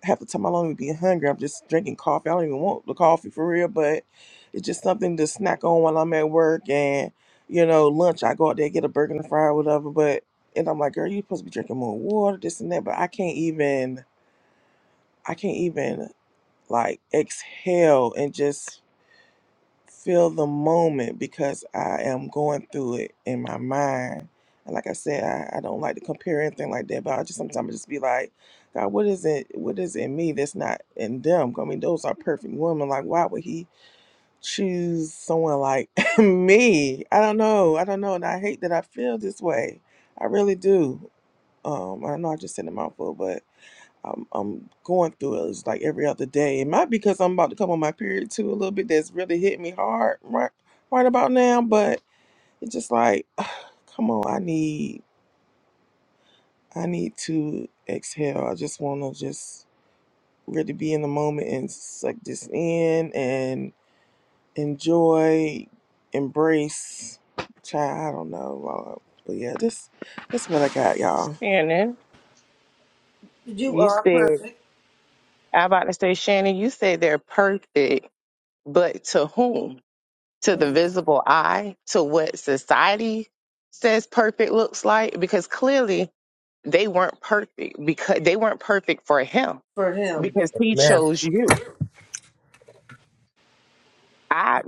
S1: half the time I don't even be hungry. I'm just drinking coffee. I don't even want the coffee for real, but it's just something to snack on while I'm at work. And you know, lunch I go out there get a burger and a fry or whatever. But and I'm like, girl, you supposed to be drinking more water, this and that. But I can't even, I can't even like exhale and just feel the moment because I am going through it in my mind. And like I said, I, I don't like to compare anything like that, but I just sometimes just be like, God, what is it? What is in me that's not in them? I mean, those are perfect women. Like, why would He choose someone like me? I don't know. I don't know, and I hate that I feel this way. I really do. Um, I know I just said a mouthful, but. I'm, I'm going through it. It's like every other day. It might be because I'm about to come on my period too a little bit. That's really hit me hard right right about now. But it's just like, come on, I need I need to exhale. I just want to just really be in the moment and suck this in and enjoy, embrace. Child, I don't know, Lord. but yeah, this this what I got, y'all.
S4: Shannon,
S7: you
S4: you
S7: are
S4: said,
S7: perfect
S4: I about to say, Shannon, you said they're perfect, but to whom? To the
S7: mm,
S4: visible eye? To what society says perfect looks like? Because clearly they weren't perfect because they weren't perfect for him
S7: for him.
S4: because he
S9: Amen.
S4: chose you. I,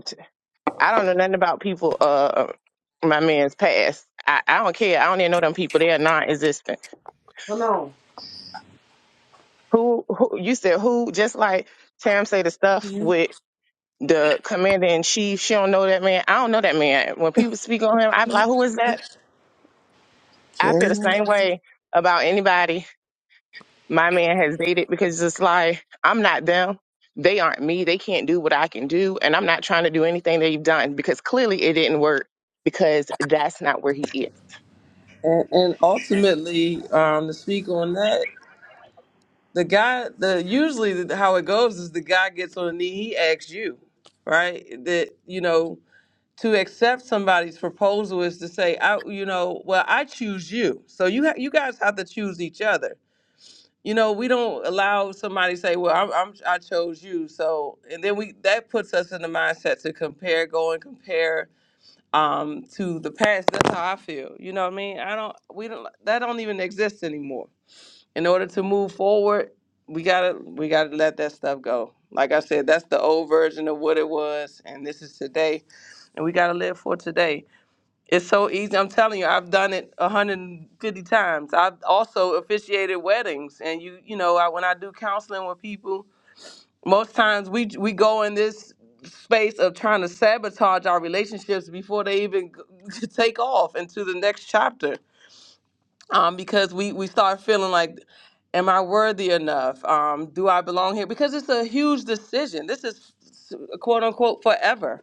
S4: I don't know nothing about people, uh, my man's past. I, I don't care. I don't even know them people. They are non existent
S7: Come on.
S4: Who, who you said who? Just like Tam say the stuff
S1: Yeah.
S4: with the commander in chief. She don't know that man. I don't know that man. When people speak on him, I be like, who is that? I
S1: Carry
S4: feel the
S1: on.
S4: same way about anybody my man has dated because it's like I'm not them. They aren't me. They can't do what I can do. And I'm not trying to do anything they've done because clearly it didn't work because that's not where he is.
S11: and, and ultimately um to speak on that the guy the usually the- how it goes is the guy gets on a knee he asks you right that you know to accept somebody's proposal is to say i you know well i choose you so you ha- you guys have to choose each other you know we don't allow somebody to say well I'm, I'm i chose you so and then we that puts us in the mindset to compare go and compare um to the past that's how i feel you know what i mean i don't we don't that don't even exist anymore in order to move forward, we gotta we gotta let that stuff go. Like I said, that's the old version of what it was, and this is today, and we gotta live for today. It's so easy. I'm telling you, I've done it 150 times. I've also officiated weddings, and you you know I, when I do counseling with people, most times we we go in this space of trying to sabotage our relationships before they even take off into the next chapter um, because we we start feeling like, am I worthy enough? Um, do I belong here? Because it's a huge decision. This is s- quote unquote forever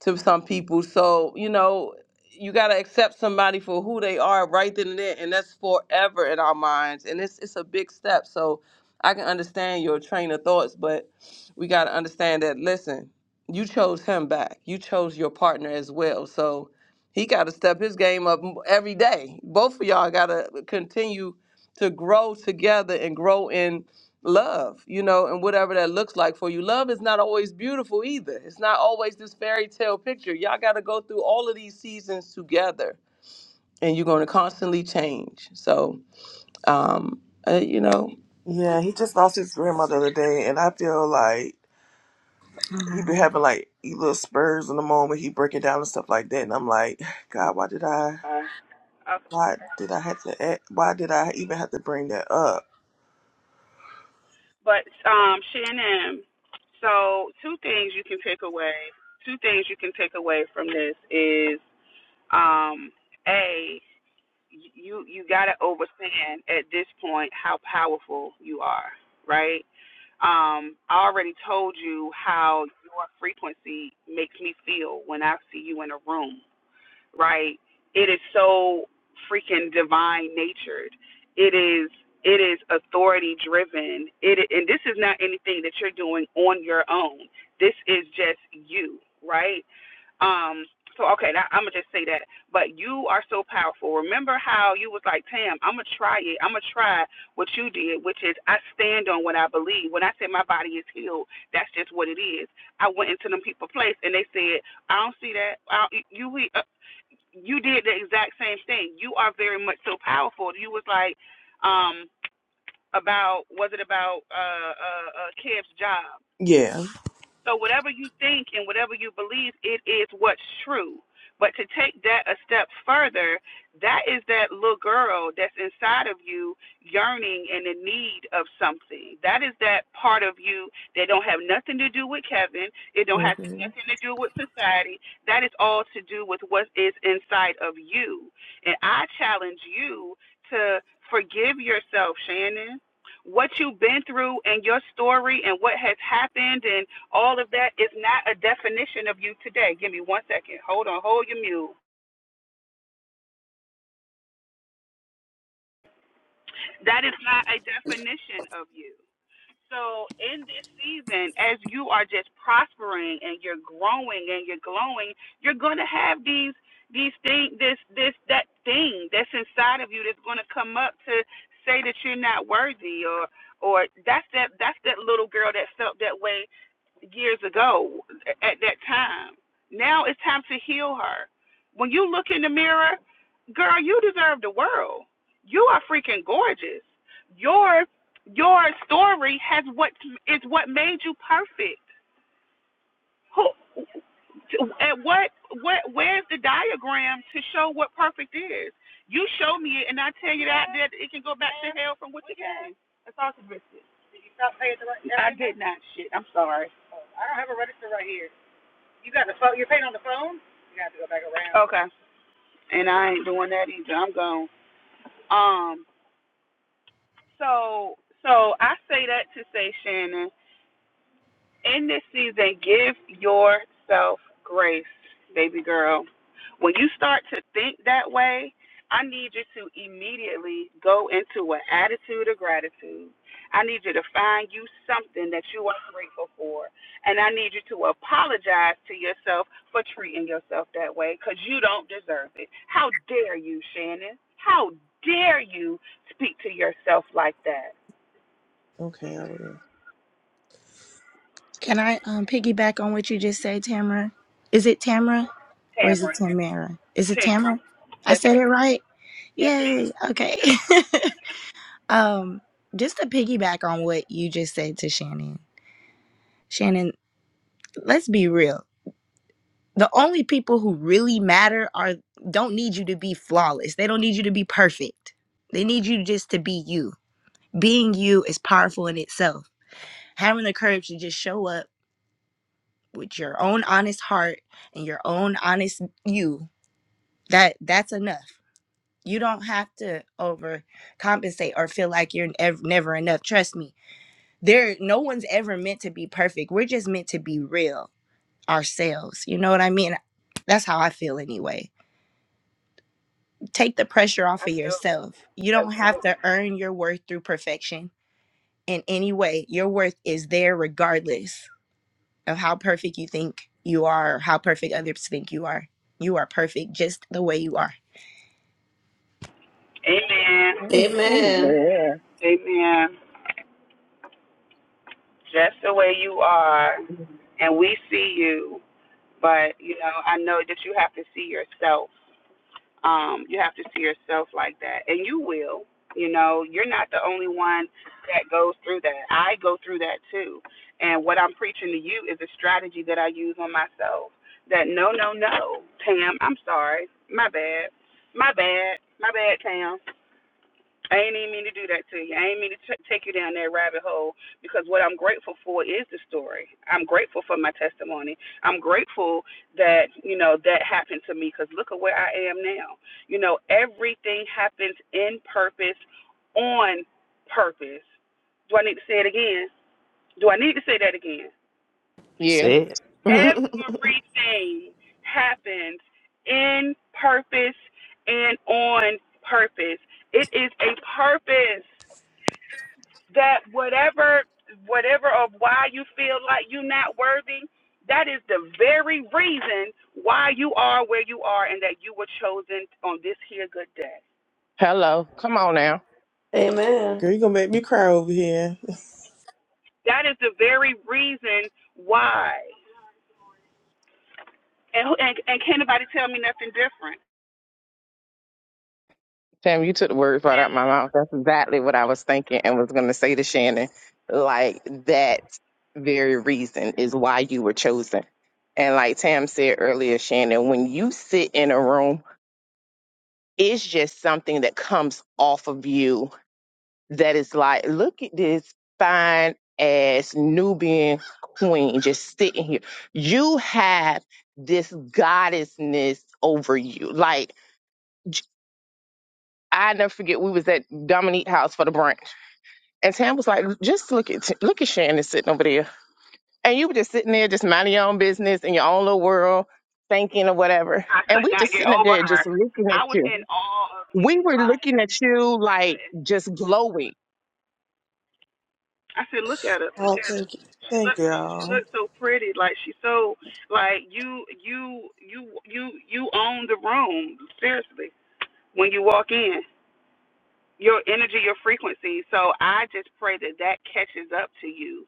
S11: to some people. So, you know, you got to accept somebody for who they are right then and there. And that's forever in our minds. And it's, it's a big step. So I can understand your train of thoughts, but we got to understand that, listen, you chose him back. You chose your partner as well. So he got to step his game up m- every day. Both of y'all got to continue to grow together and grow in love, you know, and whatever that looks like for you. Love is not always beautiful either. It's not always this fairy tale picture. Y'all got to go through all of these seasons together, and you're going to constantly change. So, um, uh, you know.
S1: Yeah, he just lost his grandmother the other day, and I feel like. He be
S10: Um,
S1: having like he little spurs in the moment. He breaking down and stuff like that, and I'm like, God, why did I?
S2: Uh, okay.
S1: Why did I have to? Act, why did I even have to bring that up?
S2: But um, Shannon, so two things you can take away. Two things you can take away from this is um, a you you got to understand at this point how powerful you are, right? Um, I already told you how your frequency makes me feel when I see you in a room, right? It is so freaking divine natured. It is it is authority driven. It and this is not anything that you're doing on your own. This is just you, right? Um, so okay, that, I'm gonna just say that. But you are so powerful. Remember how you was like, Tam, I'm gonna try it. I'm gonna try what you did, which is I stand on what I believe. When I said my body is healed, that's just what it is. I went into them people place, and they said, I don't see that. I don't, you we- uh, you did the exact same thing. You are very much so powerful. You was like, um, about was it about uh uh, uh Kev's job?
S1: Yeah.
S2: So whatever you think and whatever you believe, it is what's true. But to take that a step further, that is that little girl that's inside of you yearning and in need of something. That is that part of you that don't have nothing to do with Kevin. It don't have
S1: hmm
S2: nothing to do with society. That is all to do with what is inside of you. And I challenge you to forgive yourself, Shannon what you've been through and your story and what has happened and all of that is not a definition of you today. Give me one second. Hold on. Hold your mule. That is not a definition of you. So in this season, as you are just prospering and you're growing and you're glowing, you're gonna have these these thing this this that thing that's inside of you that's gonna come up to say that you're not worthy or or that's that that's that little girl that felt that way years ago at that time. Now it's time to heal her. When you look in the mirror, girl, you deserve the world. You are freaking gorgeous. Your your story has what is what made you perfect. Who at what what where's the diagram to show what perfect is? You show me it, and I tell you that that it can go back to hell from what you gave. That's all, Miss. Did you stop paying the right? I did not. Shit, I'm sorry. I don't have a register right here. You got the phone. You're paying on the phone. You got to go back around. Okay. And I ain't doing that either. I'm gone. Um. So so I say that to say Shannon in this season, give yourself grace, baby girl. When you start to think that way, I need you to immediately go into an attitude of gratitude. I need you to find you something that you are grateful for. And I need you to apologize to yourself for treating yourself that way because you don't deserve it. How dare you, Shannon? How dare you speak to yourself like that?
S1: Okay, I will.
S10: can I um, piggyback on what you just said, Tamara? Is it Tamara or is it
S2: Tamara,
S10: Tamara? Is it
S2: Tamara,
S10: Tamara? I
S2: yes,
S10: said
S2: ma'am.
S10: it right.
S2: yes, ma'am.
S10: Yay. Okay. um, just to piggyback on what you just said to Shannon. Shannon, let's be real. The only people who really matter are don't need you to be flawless. They don't need you to be perfect. They need you just to be you. Being you is powerful in itself. Having the courage to just show up with your own honest heart and your own honest you, that that's enough. You don't have to overcompensate or feel like you're ev- never enough. Trust me there no one's ever meant to be perfect we're just meant to be real ourselves you know what i mean that's how i feel anyway take the pressure off of yourself you don't have to earn your worth through perfection in any way your worth is there regardless of how perfect you think you are or how perfect others think you are you are perfect just the way you are
S2: Amen.
S7: Amen.
S2: Amen. Just the way you are,
S4: Yeah.
S2: and we see you, but you know, I know that you have to see yourself. Um, you have to see yourself like that, and you will. You know, you're not the only one that goes through that. I go through that too. And what I'm preaching to you is a strategy that I use on myself. That no, no, no, Tam. I'm sorry. My bad. My bad. My bad, Tam. I ain't even mean to do that to you. I ain't mean to t- take you down that rabbit hole because what I'm grateful for is the story. I'm grateful for my testimony. I'm grateful that, you know, that happened to me because look at where I am now. You know, everything happens in purpose, on purpose. Do I need to say it again? Do I need to say that again?
S4: Yeah.
S9: Say it.
S2: Everything happens in purpose and on purpose. It is a purpose that whatever whatever of why you feel like you're not worthy that is the very reason why you are where you are and that you were chosen on this here good day
S4: Hello. Come on now.
S7: Amen.
S1: Girl, you gonna make me cry over here.
S2: that is the very reason why and and, and can't nobody tell me nothing different
S4: Tam, you took the words right out of my mouth. That's exactly what I was thinking and was going to say to Shannon. Like that. very reason is why you were chosen. And like Tam said earlier, Shannon, when you sit in a room, it's just something that comes off of you that is like, look at this fine ass Nubian queen just sitting here. You have this goddessness over you. Like I never forget, we was at Dominique House for the brunch, and Tam was like, "Just look at look at Shannon sitting over there." and you were just sitting there just minding your own business in your own little world thinking or whatever
S2: i
S4: and
S2: could
S4: we
S2: not
S4: just
S2: get
S4: sitting up
S2: over
S4: there
S2: her
S4: just looking at
S2: i was
S4: you
S2: in awe of you
S4: we were looking
S2: like
S4: at you
S2: I
S4: like
S2: couldn't.
S4: just glowing
S2: I said, look at her, look
S1: Oh,
S2: at her.
S1: thank you,
S2: She
S1: thank
S2: looks, she
S1: y'all.
S2: looks so pretty. Like she's so, like you, you, you, you, you own the room. Seriously, when you walk in your energy, your frequency. So I just pray that that catches up to you.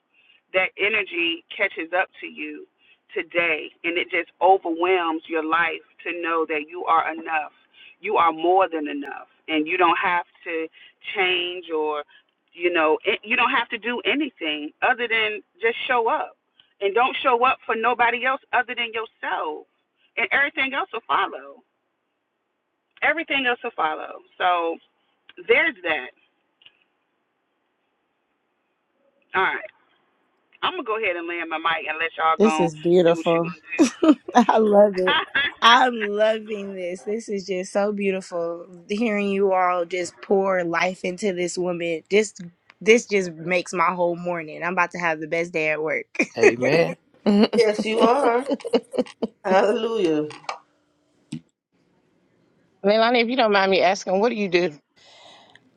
S2: That energy catches up to you today and it just overwhelms your life to know that you are enough. You are more than enough and you don't have to change or you know, it, you don't have to do anything other than just show up. And don't show up for nobody else other than yourself. And everything else will follow. Everything else will follow. So there's that. All right. I'm gonna go ahead and land my mic and let y'all
S10: This
S2: go
S10: is
S2: do what you are
S10: beautiful.
S2: gonna do.
S10: I love it. I'm loving this. This is just so beautiful. Hearing you all just pour life into this woman. Just this just makes my whole morning. I'm about to have the best day at work.
S9: Amen.
S7: Yes, you are. Hallelujah.
S4: Melanie, if you don't mind me asking what do you do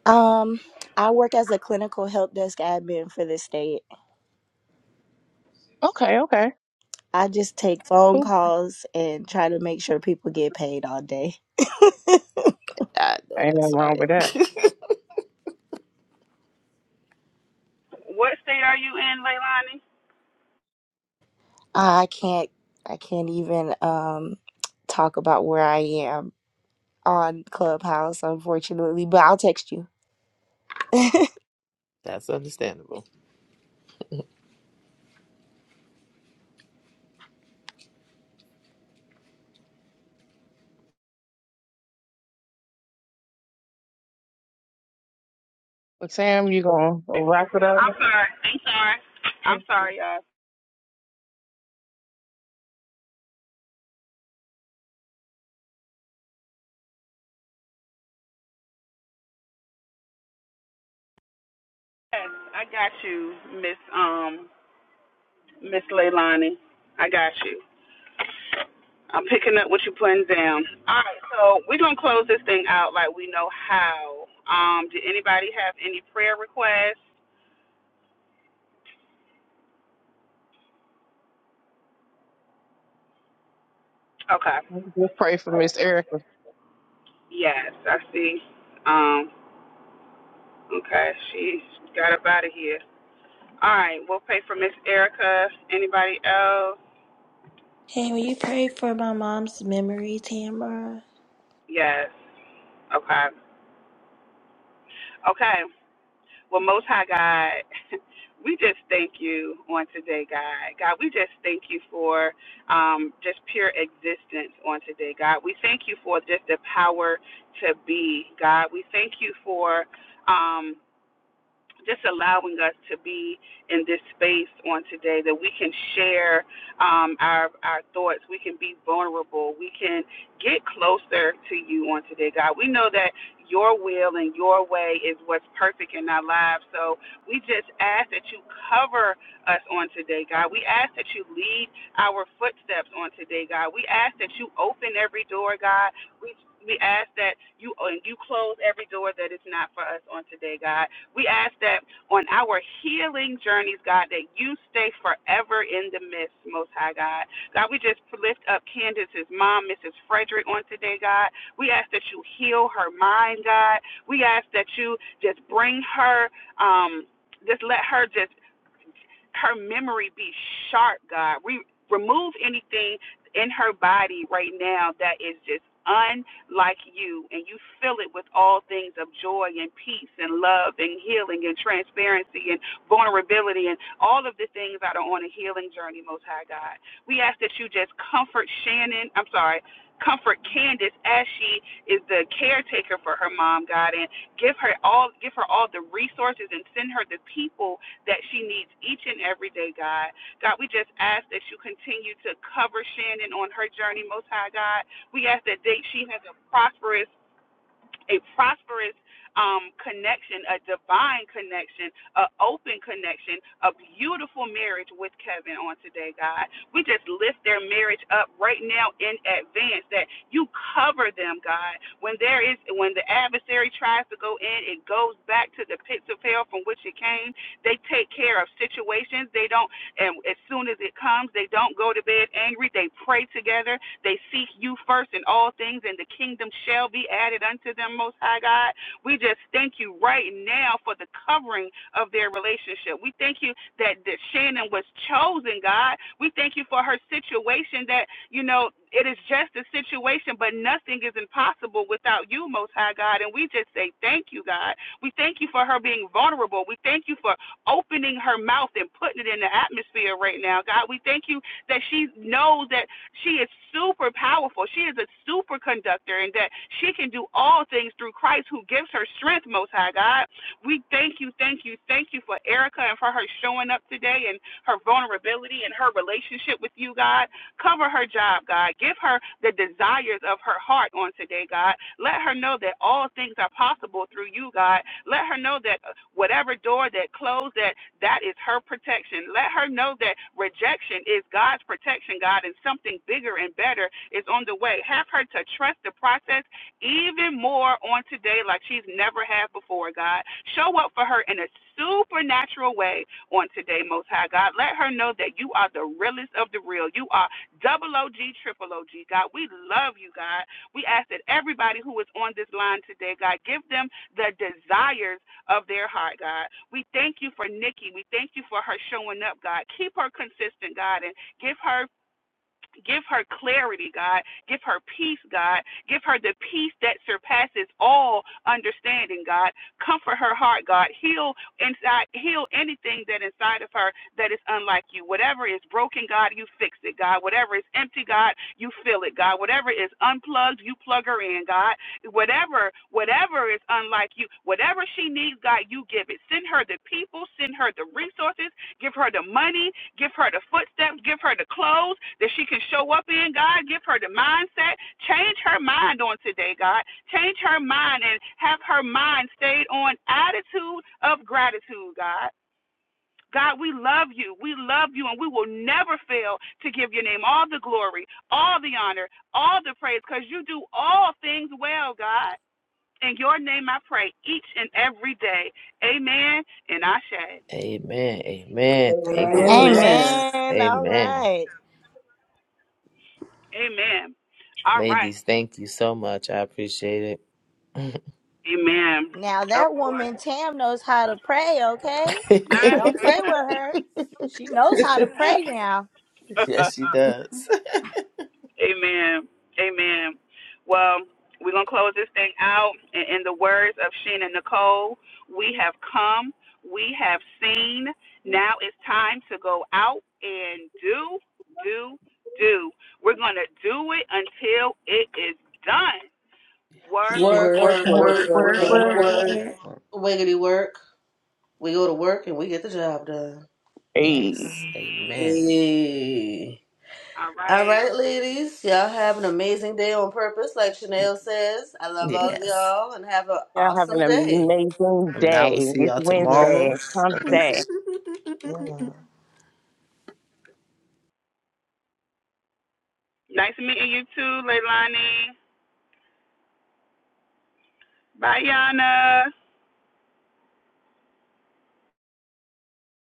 S10: Um, I work as a clinical help desk admin for the state.
S4: okay okay
S10: I just take phone
S4: cool
S10: calls and try to make sure people get paid all day.
S9: I know
S4: ain't nothing
S9: that's
S4: wrong
S9: right.
S4: with that
S2: what state are you in, Leilani?
S10: I can't I can't even um talk about where I am on Clubhouse, unfortunately, but I'll text you.
S9: that's understandable.
S4: well, Sam, you gonna wrap it up
S2: I'm sorry. I'm sorry. I'm sorry, y'all. Yes, I got you, Miss um Miss Leilani. I got you. I'm picking up what you're putting down. All right, so we're gonna close this thing out like we know how. Um, did anybody have any prayer requests? Okay.
S4: and pray for Miss Erica.
S2: Yes, I see. Um, okay, she got up out of here. All right, we'll pay for Miss Erica. Anybody else?
S6: Hey, will you pray for my mom's memory, Tamara?
S2: Yes. Okay. Okay. Well, Most High God, we just thank you on today, God. God, we just thank you for um, just pure existence on today, God. We thank you for just the power to be, God. We thank you for. Um, just allowing us to be in this space on today that we can share um, our our thoughts, we can be vulnerable, we can get closer to you on today, God. We know that your will and your way is what's perfect in our lives. So we just ask that you cover us on today, God. We ask that you lead our footsteps on today, God. We ask that you open every door, God. We we ask that you and you close every door that is not for us on today, God. We ask that on our healing journeys, God, that you stay forever in the midst, Most High God. God, we just lift up Candace's mom, Mrs. Frederick, on today, God. We ask that you heal her mind, God. We ask that you just bring her, um, just let her just her memory be sharp, God. We remove anything in her body right now that is just unlike you, and you fill it with all things of joy and peace and love and healing and transparency and vulnerability and all of the things that are on a healing journey, Most High God. We ask that you just comfort Shannon. I'm sorry. Comfort Candace as she is the caretaker for her mom, God, and give her all give her all the resources and send her the people that she needs each and every day, God. God, we just ask that you continue to cover Shannon on her journey, Most High God. We ask that they, she has a prosperous a prosperous um, connection, a divine connection, a open connection, a beautiful marriage with Kevin on today, God. We just lift their marriage up right now in advance that you cover them, God. When there is when the adversary tries to go in, it goes back to the pits of hell from which it came. They take care of situations. They don't and as soon as it comes, they don't go to bed angry. They pray together. They seek you first in all things, and the kingdom shall be added unto them, Most High God. We just thank you right now for the covering of their relationship. We thank you that, that Shannon was chosen, God. We thank you for her situation that, you know, it is just a situation, but nothing is impossible without you, Most High God. And we just say thank you, God. We thank you for her being vulnerable. We thank you for opening her mouth and putting it in the atmosphere right now. God, we thank you that she knows that she is super powerful. She is a super conductor and that she can do all things through Christ who gives her strength, Most High God. We thank you, thank you, thank you for Erica and for her showing up today and her vulnerability and her relationship with you, God. Cover her job, God. Give her the desires of her heart on today, God. Let her know that all things are possible through you, God. Let her know that whatever door that closed, that that is her protection. Let her know that rejection is God's protection, God, and something bigger and better is on the way. Have her to trust the process even more on today like she's never had before, God. Show up for her in a supernatural way on today, Most High God. Let her know that you are the realest of the real. You are double OG, triple OG, God. We love you, God. We ask that everybody who is on this line today, God, give them the desires of their heart, God. We thank you for Nikki. We thank you for her showing up, God. Keep her consistent, God, and give her Give her clarity, God. Give her peace, God. Give her the peace that surpasses all understanding, God. Comfort her heart, God. Heal inside, heal anything that inside of her that is unlike you. Whatever is broken, God, you fix it, God. Whatever is empty, God, you fill it, God. Whatever is unplugged, you plug her in, God. Whatever, whatever is unlike you, whatever she needs, God, you give it. Send her the people, send her the resources, Give her the money, give her the footsteps, give her the clothes that she can show up in, God. Give her the mindset. Change her mind on today, God. Change her mind and have her mind stayed on attitude of gratitude, God. God, we love you. We love you, and we will never fail to give your name all the glory, all the honor, all the praise, because you do all things well, God. In your name I pray each and every day. Amen and I Ashe.
S9: Amen. Amen.
S4: Amen.
S9: Thank you,
S4: Amen.
S1: Amen.
S9: Jesus.
S7: Amen.
S10: Amen. All
S9: Amen.
S10: right.
S2: Amen. All right.
S9: Ladies, thank you so much. I appreciate
S2: Amen.
S10: Now
S2: Of
S10: that
S2: course.
S10: woman Tam knows how to pray, okay?
S2: Nah.
S10: Don't play
S9: it.
S10: with her. She knows how to pray now.
S9: yes, she does.
S2: Amen. Amen. Well, we're going to close this thing out. And in the words of Sheena Nicole, we have come, we have seen. Now it's time to go out and do, do, do. We're going to do it until it is done.
S9: Yes.
S2: Work,
S7: Work,
S2: work.
S4: Work,
S7: work,
S4: work,
S1: Work,
S7: work,
S4: work,
S1: work,
S9: Work,
S7: work,
S4: work,
S1: work.
S9: work,
S7: work.
S4: work.
S9: work,
S6: Okay.
S9: work.
S7: Wiggity work. We go to work and we get the job done.
S4: Hey,
S9: Yes.
S1: Amen.
S9: Amen.
S7: Hey.
S2: All
S7: All
S2: right.
S7: right, ladies. Y'all have an amazing day on purpose, like Chanel says. I love all of
S9: Yes.
S7: y'all and have an
S4: y'all have an
S7: awesome day.
S4: amazing
S9: And I
S4: day.
S9: will see
S4: It's
S9: y'all
S4: Wednesday.
S9: tomorrow.
S4: It's
S1: Yes.
S4: hump day.
S1: Amen.
S2: Nice meeting you too, Leilani. Bye, Yana.